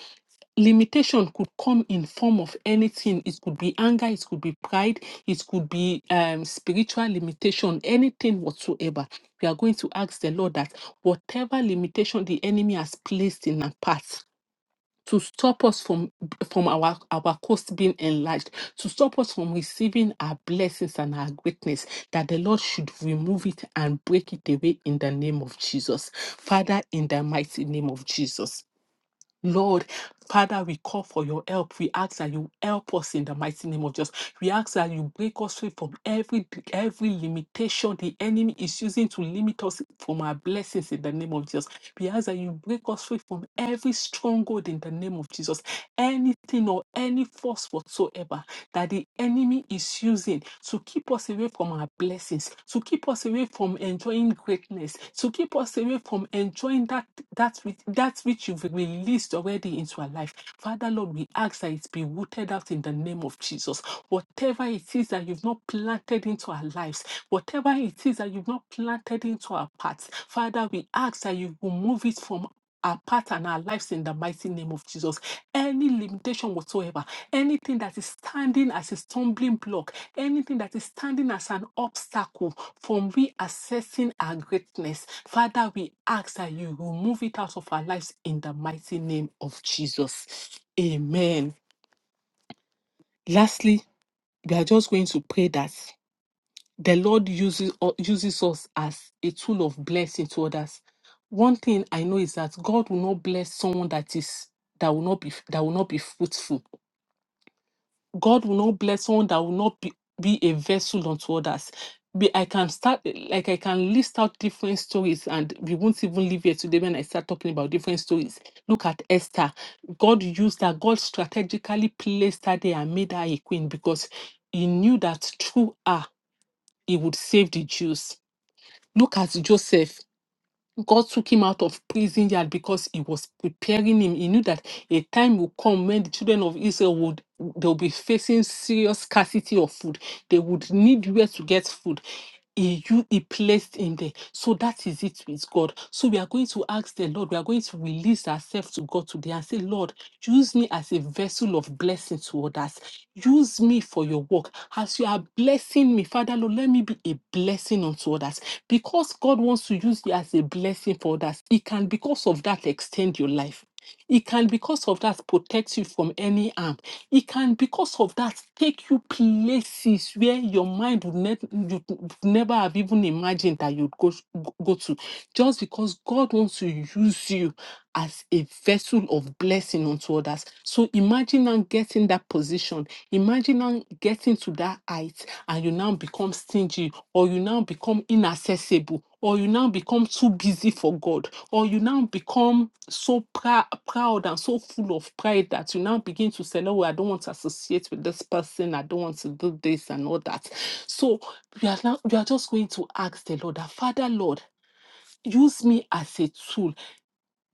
B: limitation could come in form of anything it could be anger it could be pride it could be um spiritual limitation anything whatsoever we are going to ask the lord that whatever limitation the enemy has placed in our path to stop us from from our our coast being enlarged to stop us from receiving our blessings and our greatness that the lord should remove it and break it away in the name of jesus father in the mighty name of jesus Lord, Father, we call for your help. We ask that you help us in the mighty name of Jesus. We ask that you break us free from every every limitation the enemy is using to limit us from our blessings in the name of Jesus. We ask that you break us free from every stronghold in the name of Jesus. Anything or any force whatsoever that the enemy is using using to keep us away from our blessings, to keep us away from enjoying greatness, to keep us away from enjoying that that which, that which you've released already into our life. Father Lord, we ask that it be rooted out in the name of Jesus. Whatever it is that you've not planted into our lives, whatever it is that you've not planted into our paths, Father, we ask that you remove it from our path and our lives in the mighty name of Jesus. Any limitation whatsoever, anything that is standing as a stumbling block, anything that is standing as an obstacle from reassessing our greatness, Father, we ask that you remove it out of our lives in the mighty name of Jesus. Amen. Lastly, we are just going to pray that the Lord uses u- uses us as a tool of blessing to others. One thing I know is that God will not bless someone that is that will not be that will not be fruitful. God will not bless someone that will not be, be a vessel unto others. Be- I can start like I can list out different stories, and we won't even leave here today when I start talking about different stories. Look at Esther. God used her, God strategically placed her there and made her a queen because he knew that through her he would save the Jews Look at Joseph. God took him out of prison yard because he was preparing him. He knew that a time will come when the children of Israel would they'll be facing serious scarcity of food. They would need where to get food. He, you, he placed him there. So that is it with God. So we are going to ask the Lord, we are going to release ourselves to God today and say, Lord, use me as a vessel of blessing to others. Use me for your work. As you are blessing me, Father, Lord, let me be a blessing unto others. Because God wants to use you as a blessing for others, He can, because of that, extend your life. It can, because of that, protect you from any harm it can because of that take you places where your mind would, ne- you would never have even imagined that you'd go, go to just because god wants to use you as a vessel of blessing unto others so imagine now getting that position imagine now getting to that height and you now become stingy or you now become inaccessible or you now become too busy for God or you now become so prou- proud and so full of pride that you now begin to say, no, I don't want to associate with this person. I don't want to do this and all that. So we are, now, we are just going to ask the Lord, that, Father, Lord, use me as a tool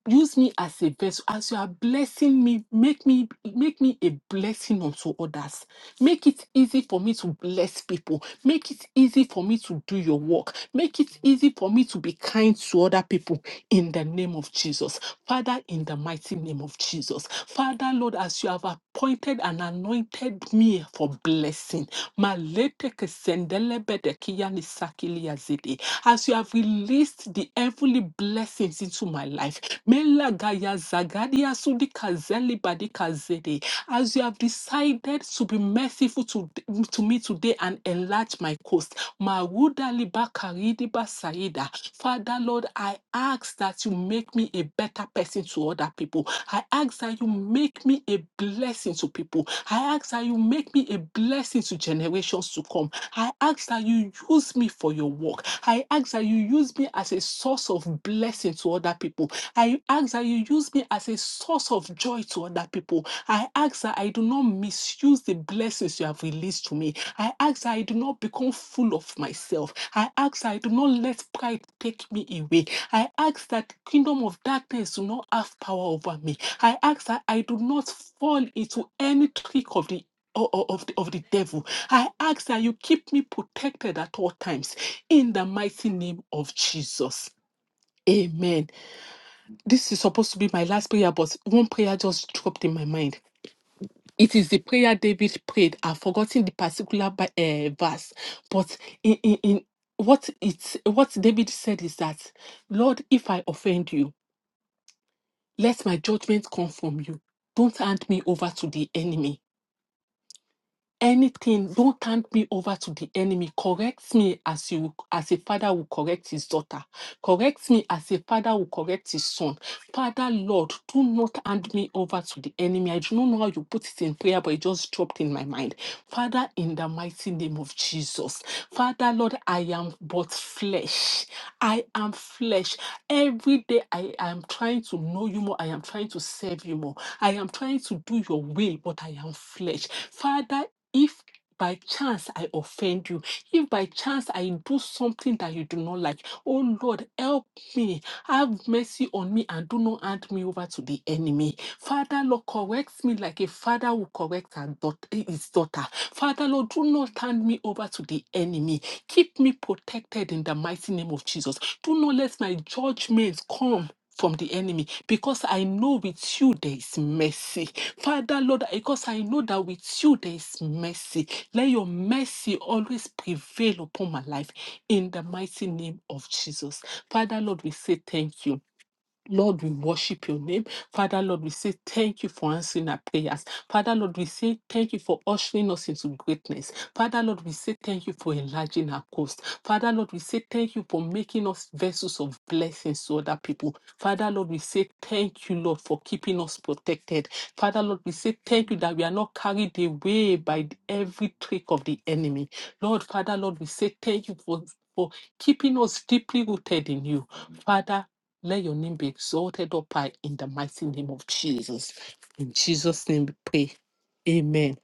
B: Use me as a vessel. As you are blessing me, make me make me a blessing unto others. Make it easy for me to bless people. Make it easy for me to do your work. Make it easy for me to be kind to other people in the name of Jesus. Father, in the mighty name of Jesus. Father, Lord, as you have appointed and anointed me for blessing. Malete kesendelebede kiyanisakiliya zidi. As you have released the heavenly blessings into my life, Mela gaya zagadi asudi kazeli badi kazede. As you have decided to be merciful to, to me today and enlarge my coast, Maruda liba karidi ba saida. Father Lord, I ask that you make me a better person to other people. I ask that you make me a blessing to people. I ask that you make me a blessing to generations to come. I ask that you use me for your work. I ask that you use me me as a source of blessing to other people. I ask that you use me as a source of joy to other people. I ask that I do not misuse the blessings you have released to me. I ask that I do not become full of myself. I ask that I do not let pride take me away. I ask that the kingdom of darkness do not have power over me. I ask that I do not fall into any trick of the o- o- of the, of the devil. I ask that you keep me protected at all times in the mighty name of Jesus. Amen. This is supposed to be my last prayer, but one prayer just dropped in my mind. It is the prayer David prayed. I've forgotten the particular uh, verse, but in, in, in what it's what David said is that, Lord, if I offend you, let my judgment come from you. Don't hand me over to the enemy. anything don't hand me over to the enemy correct me as you as a father will correct his daughter correct me as a father will correct his son father lord do not hand me over to the enemy i do not know how you put it in prayer but it just dropped in my mind father in the mighty name of jesus father lord i am but flesh i am flesh every day i am trying to know you more i am trying to serve you more I am trying to do your will, but I am flesh. Father, if by chance I offend you, if by chance I do something that you do not like, oh Lord, help me. Have mercy on me and do not hand me over to the enemy. Father, Lord, correct me like a father will correct her daugh- his daughter. Father, Lord, do not hand me over to the enemy. Keep me protected in the mighty name of Jesus. Do not let my judgments come. From the enemy, because I know with you there is mercy. Father, Lord, because I know that with you there is mercy. Let your mercy always prevail upon my life in the mighty name of Jesus. Father, Lord, we say thank you. Lord, we worship your name. Father, Lord, we say thank you for answering our prayers. Father, Lord, we say thank you for ushering us into greatness. Father, Lord, we say thank you for enlarging our coast. Father, Lord, we say thank you for making us vessels of blessings to other people. Father, Lord, we say thank you, Lord, for keeping us protected. Father, Lord, we say thank you that we are not carried away by the- every trick of the enemy. Lord, Father, Lord, we say thank you for, for keeping us deeply rooted in you. Father, let your name be exalted up high in the mighty name of Jesus. In Jesus' name we pray. Amen.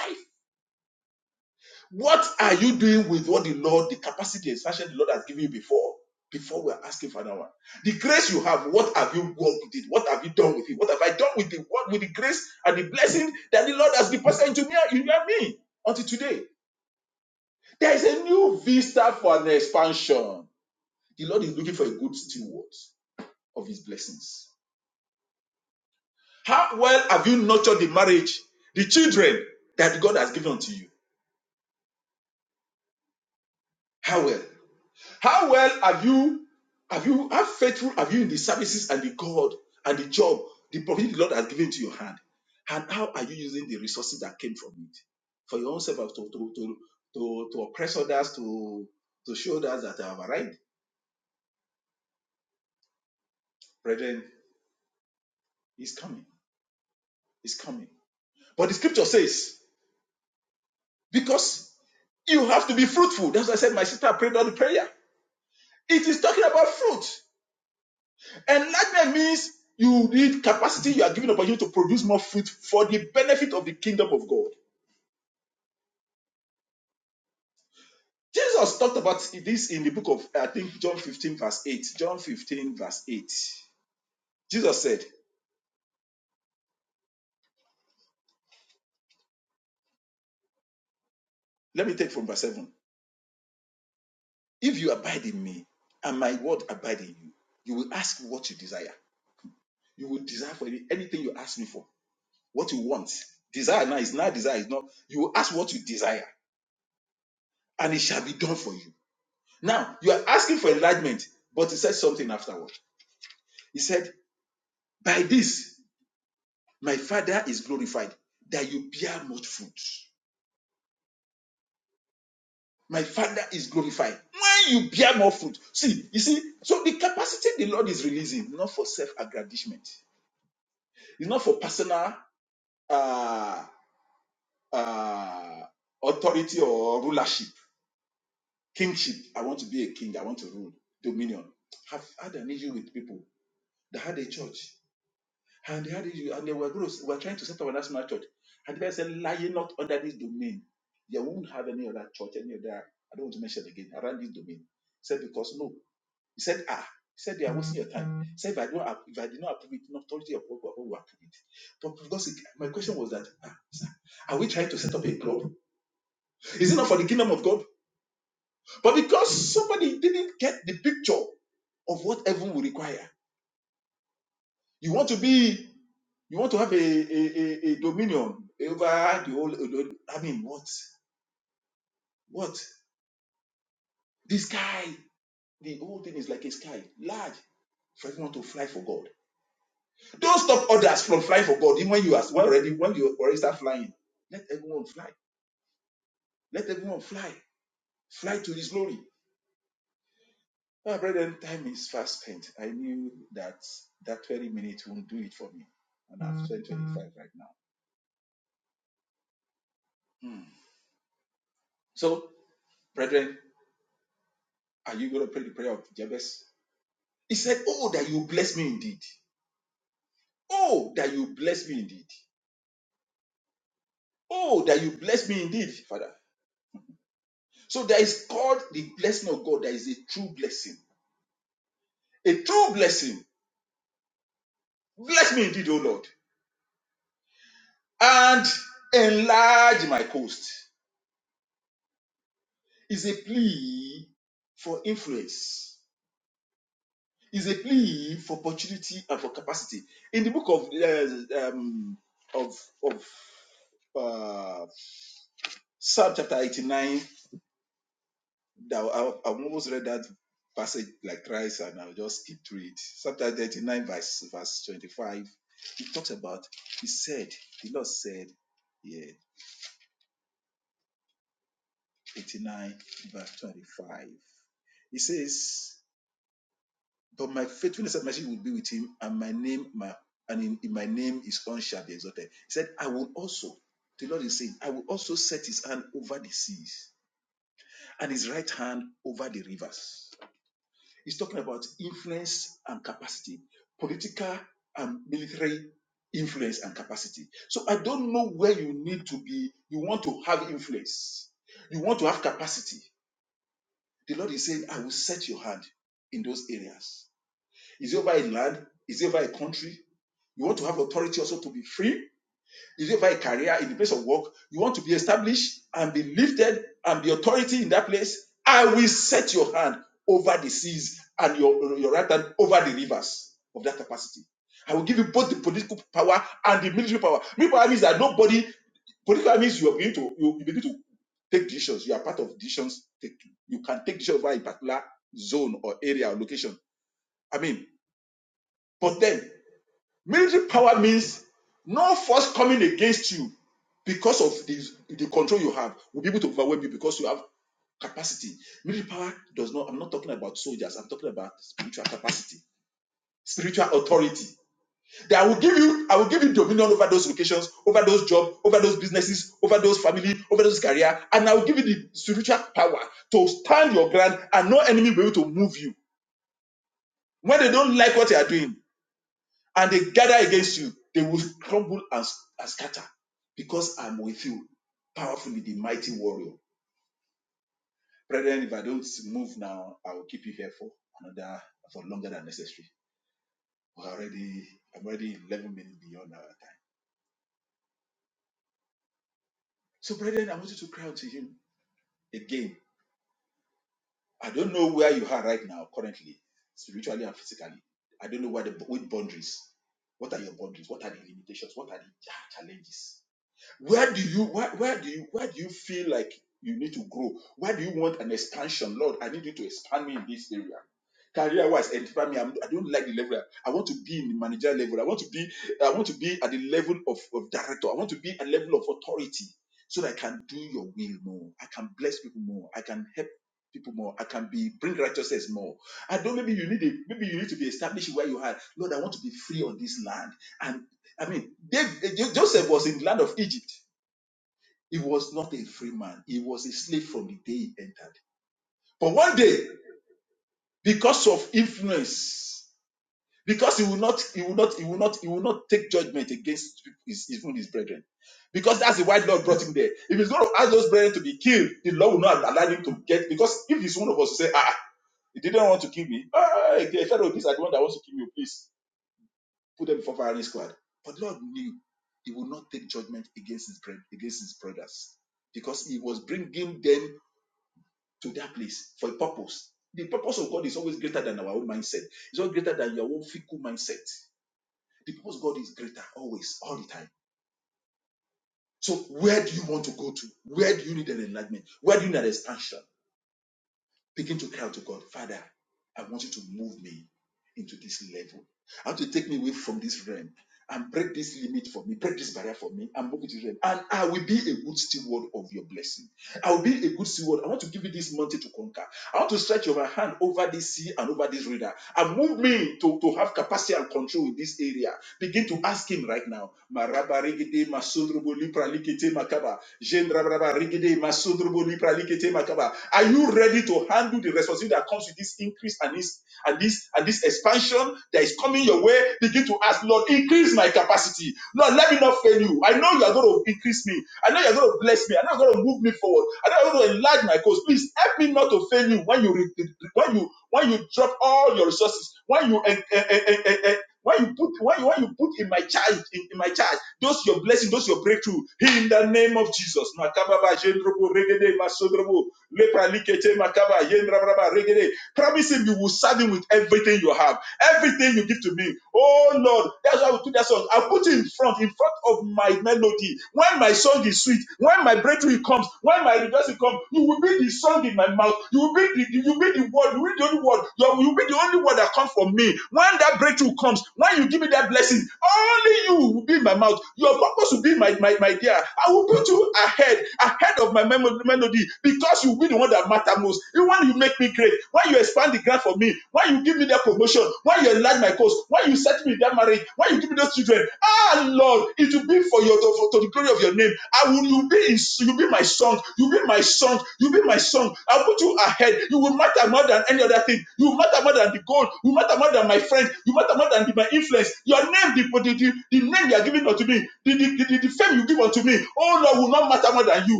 D: Lepra likete makaba yendra braba regede. Promise him you will serve him with everything you have, everything you give to me. Oh Lord, that's why we took that song. I put it in front, in front of my melody. When my song is sweet, when my breakthrough comes, when my rejoicing comes, you will be the song in my mouth. You will be the you will be the word. You will be the only word. You will be the only word that comes from me. When that breakthrough comes, when you give me that blessing, only you will be in my mouth. Your purpose will be my my, my dear. I will put you ahead, ahead of my memo- melody, because you will be the one that matters most. You when you make me great, when you expand the ground for me, when you give me that promotion, when you enlarge carry my cost, when you set me in that marriage, when you give me those children, ah Lord, it will be for your to, for- to the glory of your name. I will you be in, you be my song, you be my song, you be my song. I'll put you ahead. You will matter more than any other thing. You will matter more than the gold. You matter more than my friends. You matter more than the- my influence. Your name, the, the, the, the name you are giving unto me, the, the, the, the fame you give unto me, oh Lord, will not matter more than you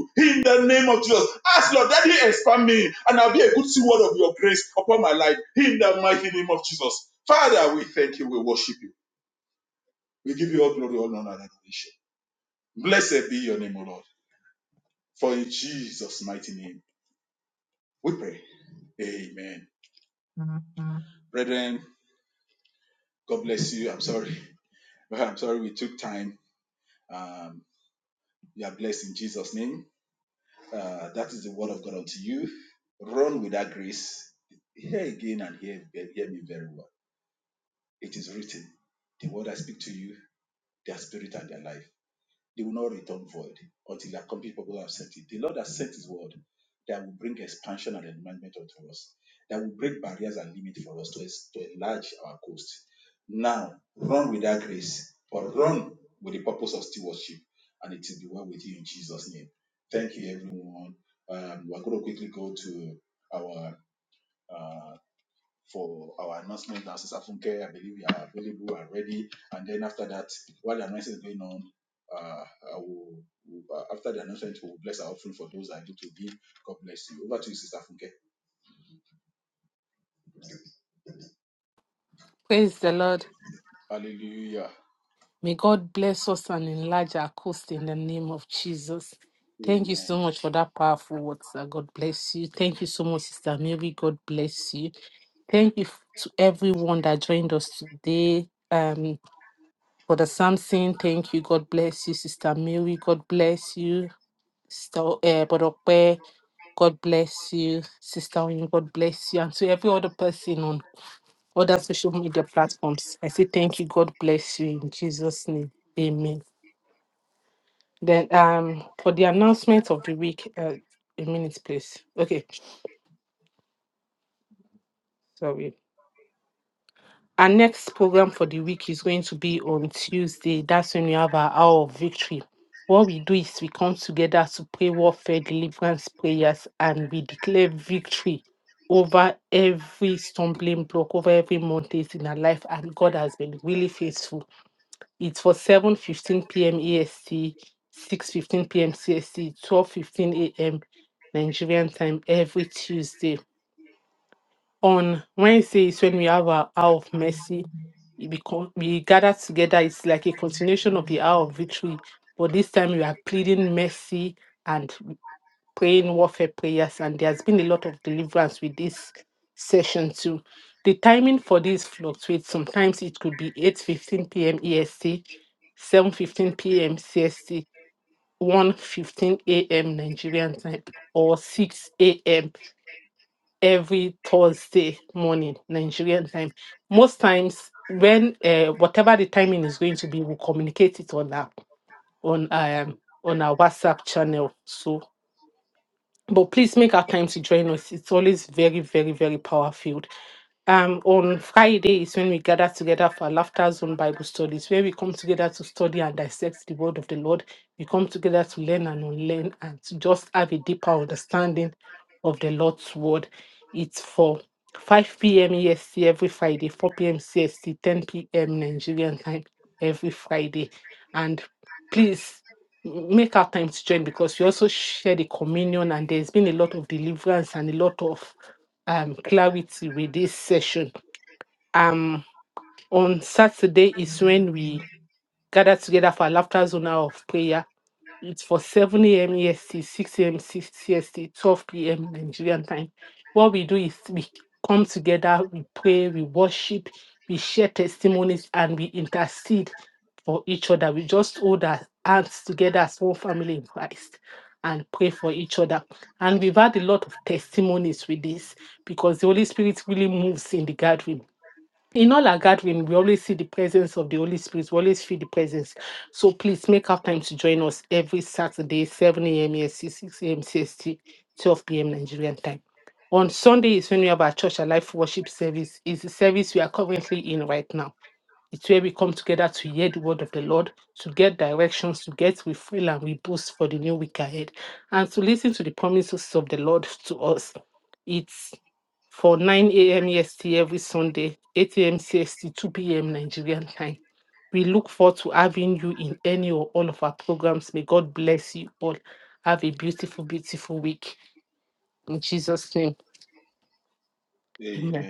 D: the name of Jesus. Ask Lord, Daddy, expand me, and I'll be a good steward of your grace upon my life. In the mighty name of Jesus. Father, we thank you, we worship you. We give you all glory, all honor, and adoration. Blessed be your name, O Lord. For in Jesus' mighty name, we pray. Amen. Brethren, God bless you.
B: Praise the Lord. May God bless us and enlarge our coast in the name of Jesus. Thank you so much for that powerful word, sir. God bless you. Thank you so much, Sister Mary. God bless you. Thank you f- to everyone that joined us today. For the Samson, thank you. God bless you, Sister Mary. God bless you. So, eh, Bodope, God bless you. Sister Oyin, God bless you. And to every other person on other social media platforms, I say thank you. God bless you in Jesus' name. Amen. Then um for the announcement of the week, uh, a minute, please. Okay, sorry. Our next program for the week is going to be on Tuesday. That's when we have our hour of victory. What we do is we come together to pray warfare, deliverance prayers, and we declare victory over every stumbling block, over every mountain in our life. And God has been really faithful. It's for 7 15 15 p.m. EST, 6 p.m. CST, 12 a.m. Nigerian time every Tuesday on Wednesdays when we have our hour of mercy, it become, we gather together. It's like a continuation of the hour of victory, but this time we are pleading mercy and praying warfare prayers. And there's been a lot of deliverance with this session too. The timing for this fluctuates. Sometimes it could be 8:15 p.m. EST, 7:15 p.m. CST, 1:15 a.m. Nigerian time, or 6 a.m every Thursday morning, Nigerian time. Most times, when uh, whatever the timing is going to be, we'll communicate it on our on um on our WhatsApp channel. So but please make our time to join us. It's always very, very, very power filled. Um, on Friday is when we gather together for Laughter Zone Bible studies, where we come together to study and dissect the word of the Lord. We come together to learn and unlearn and to just have a deeper understanding of the Lord's word. It's for 5 p.m. EST every Friday, 4 p.m. CST, 10 p.m. Nigerian time every Friday. And please make our time to join because we also share the communion and there's been a lot of deliverance and a lot of um clarity with this session. Um on Saturday is when we gather together for a laughter zone hour of prayer it's for 7 a.m. EST, 6 a.m. CST, 12 p.m. Nigerian time. What we do is we come together, we pray, we worship, we share testimonies, and we intercede for each other. We just hold our hands together as one family in Christ and pray for each other. And we've had a lot of testimonies with this because the Holy Spirit really moves in the gathering in all our gathering, we always see the presence of the Holy Spirit. We always feel the presence. So please make our time to join us every Saturday, 7 a.m. EST, 6 a.m. CST, 12 p.m. Nigerian time. On Sunday is when we have our church alive worship service. It's the service we are currently in right now. It's where we come together to hear the word of the Lord, to get directions, to get we feel and we boost for the new week ahead, and to listen to the promises of the Lord to us. It's for 9 a.m. EST every Sunday, 8 a.m. CST, 2 p.m. Nigerian time. We look forward to having you in any or all of our programs. May God bless you all. Have a beautiful, beautiful week. In Jesus' name, amen.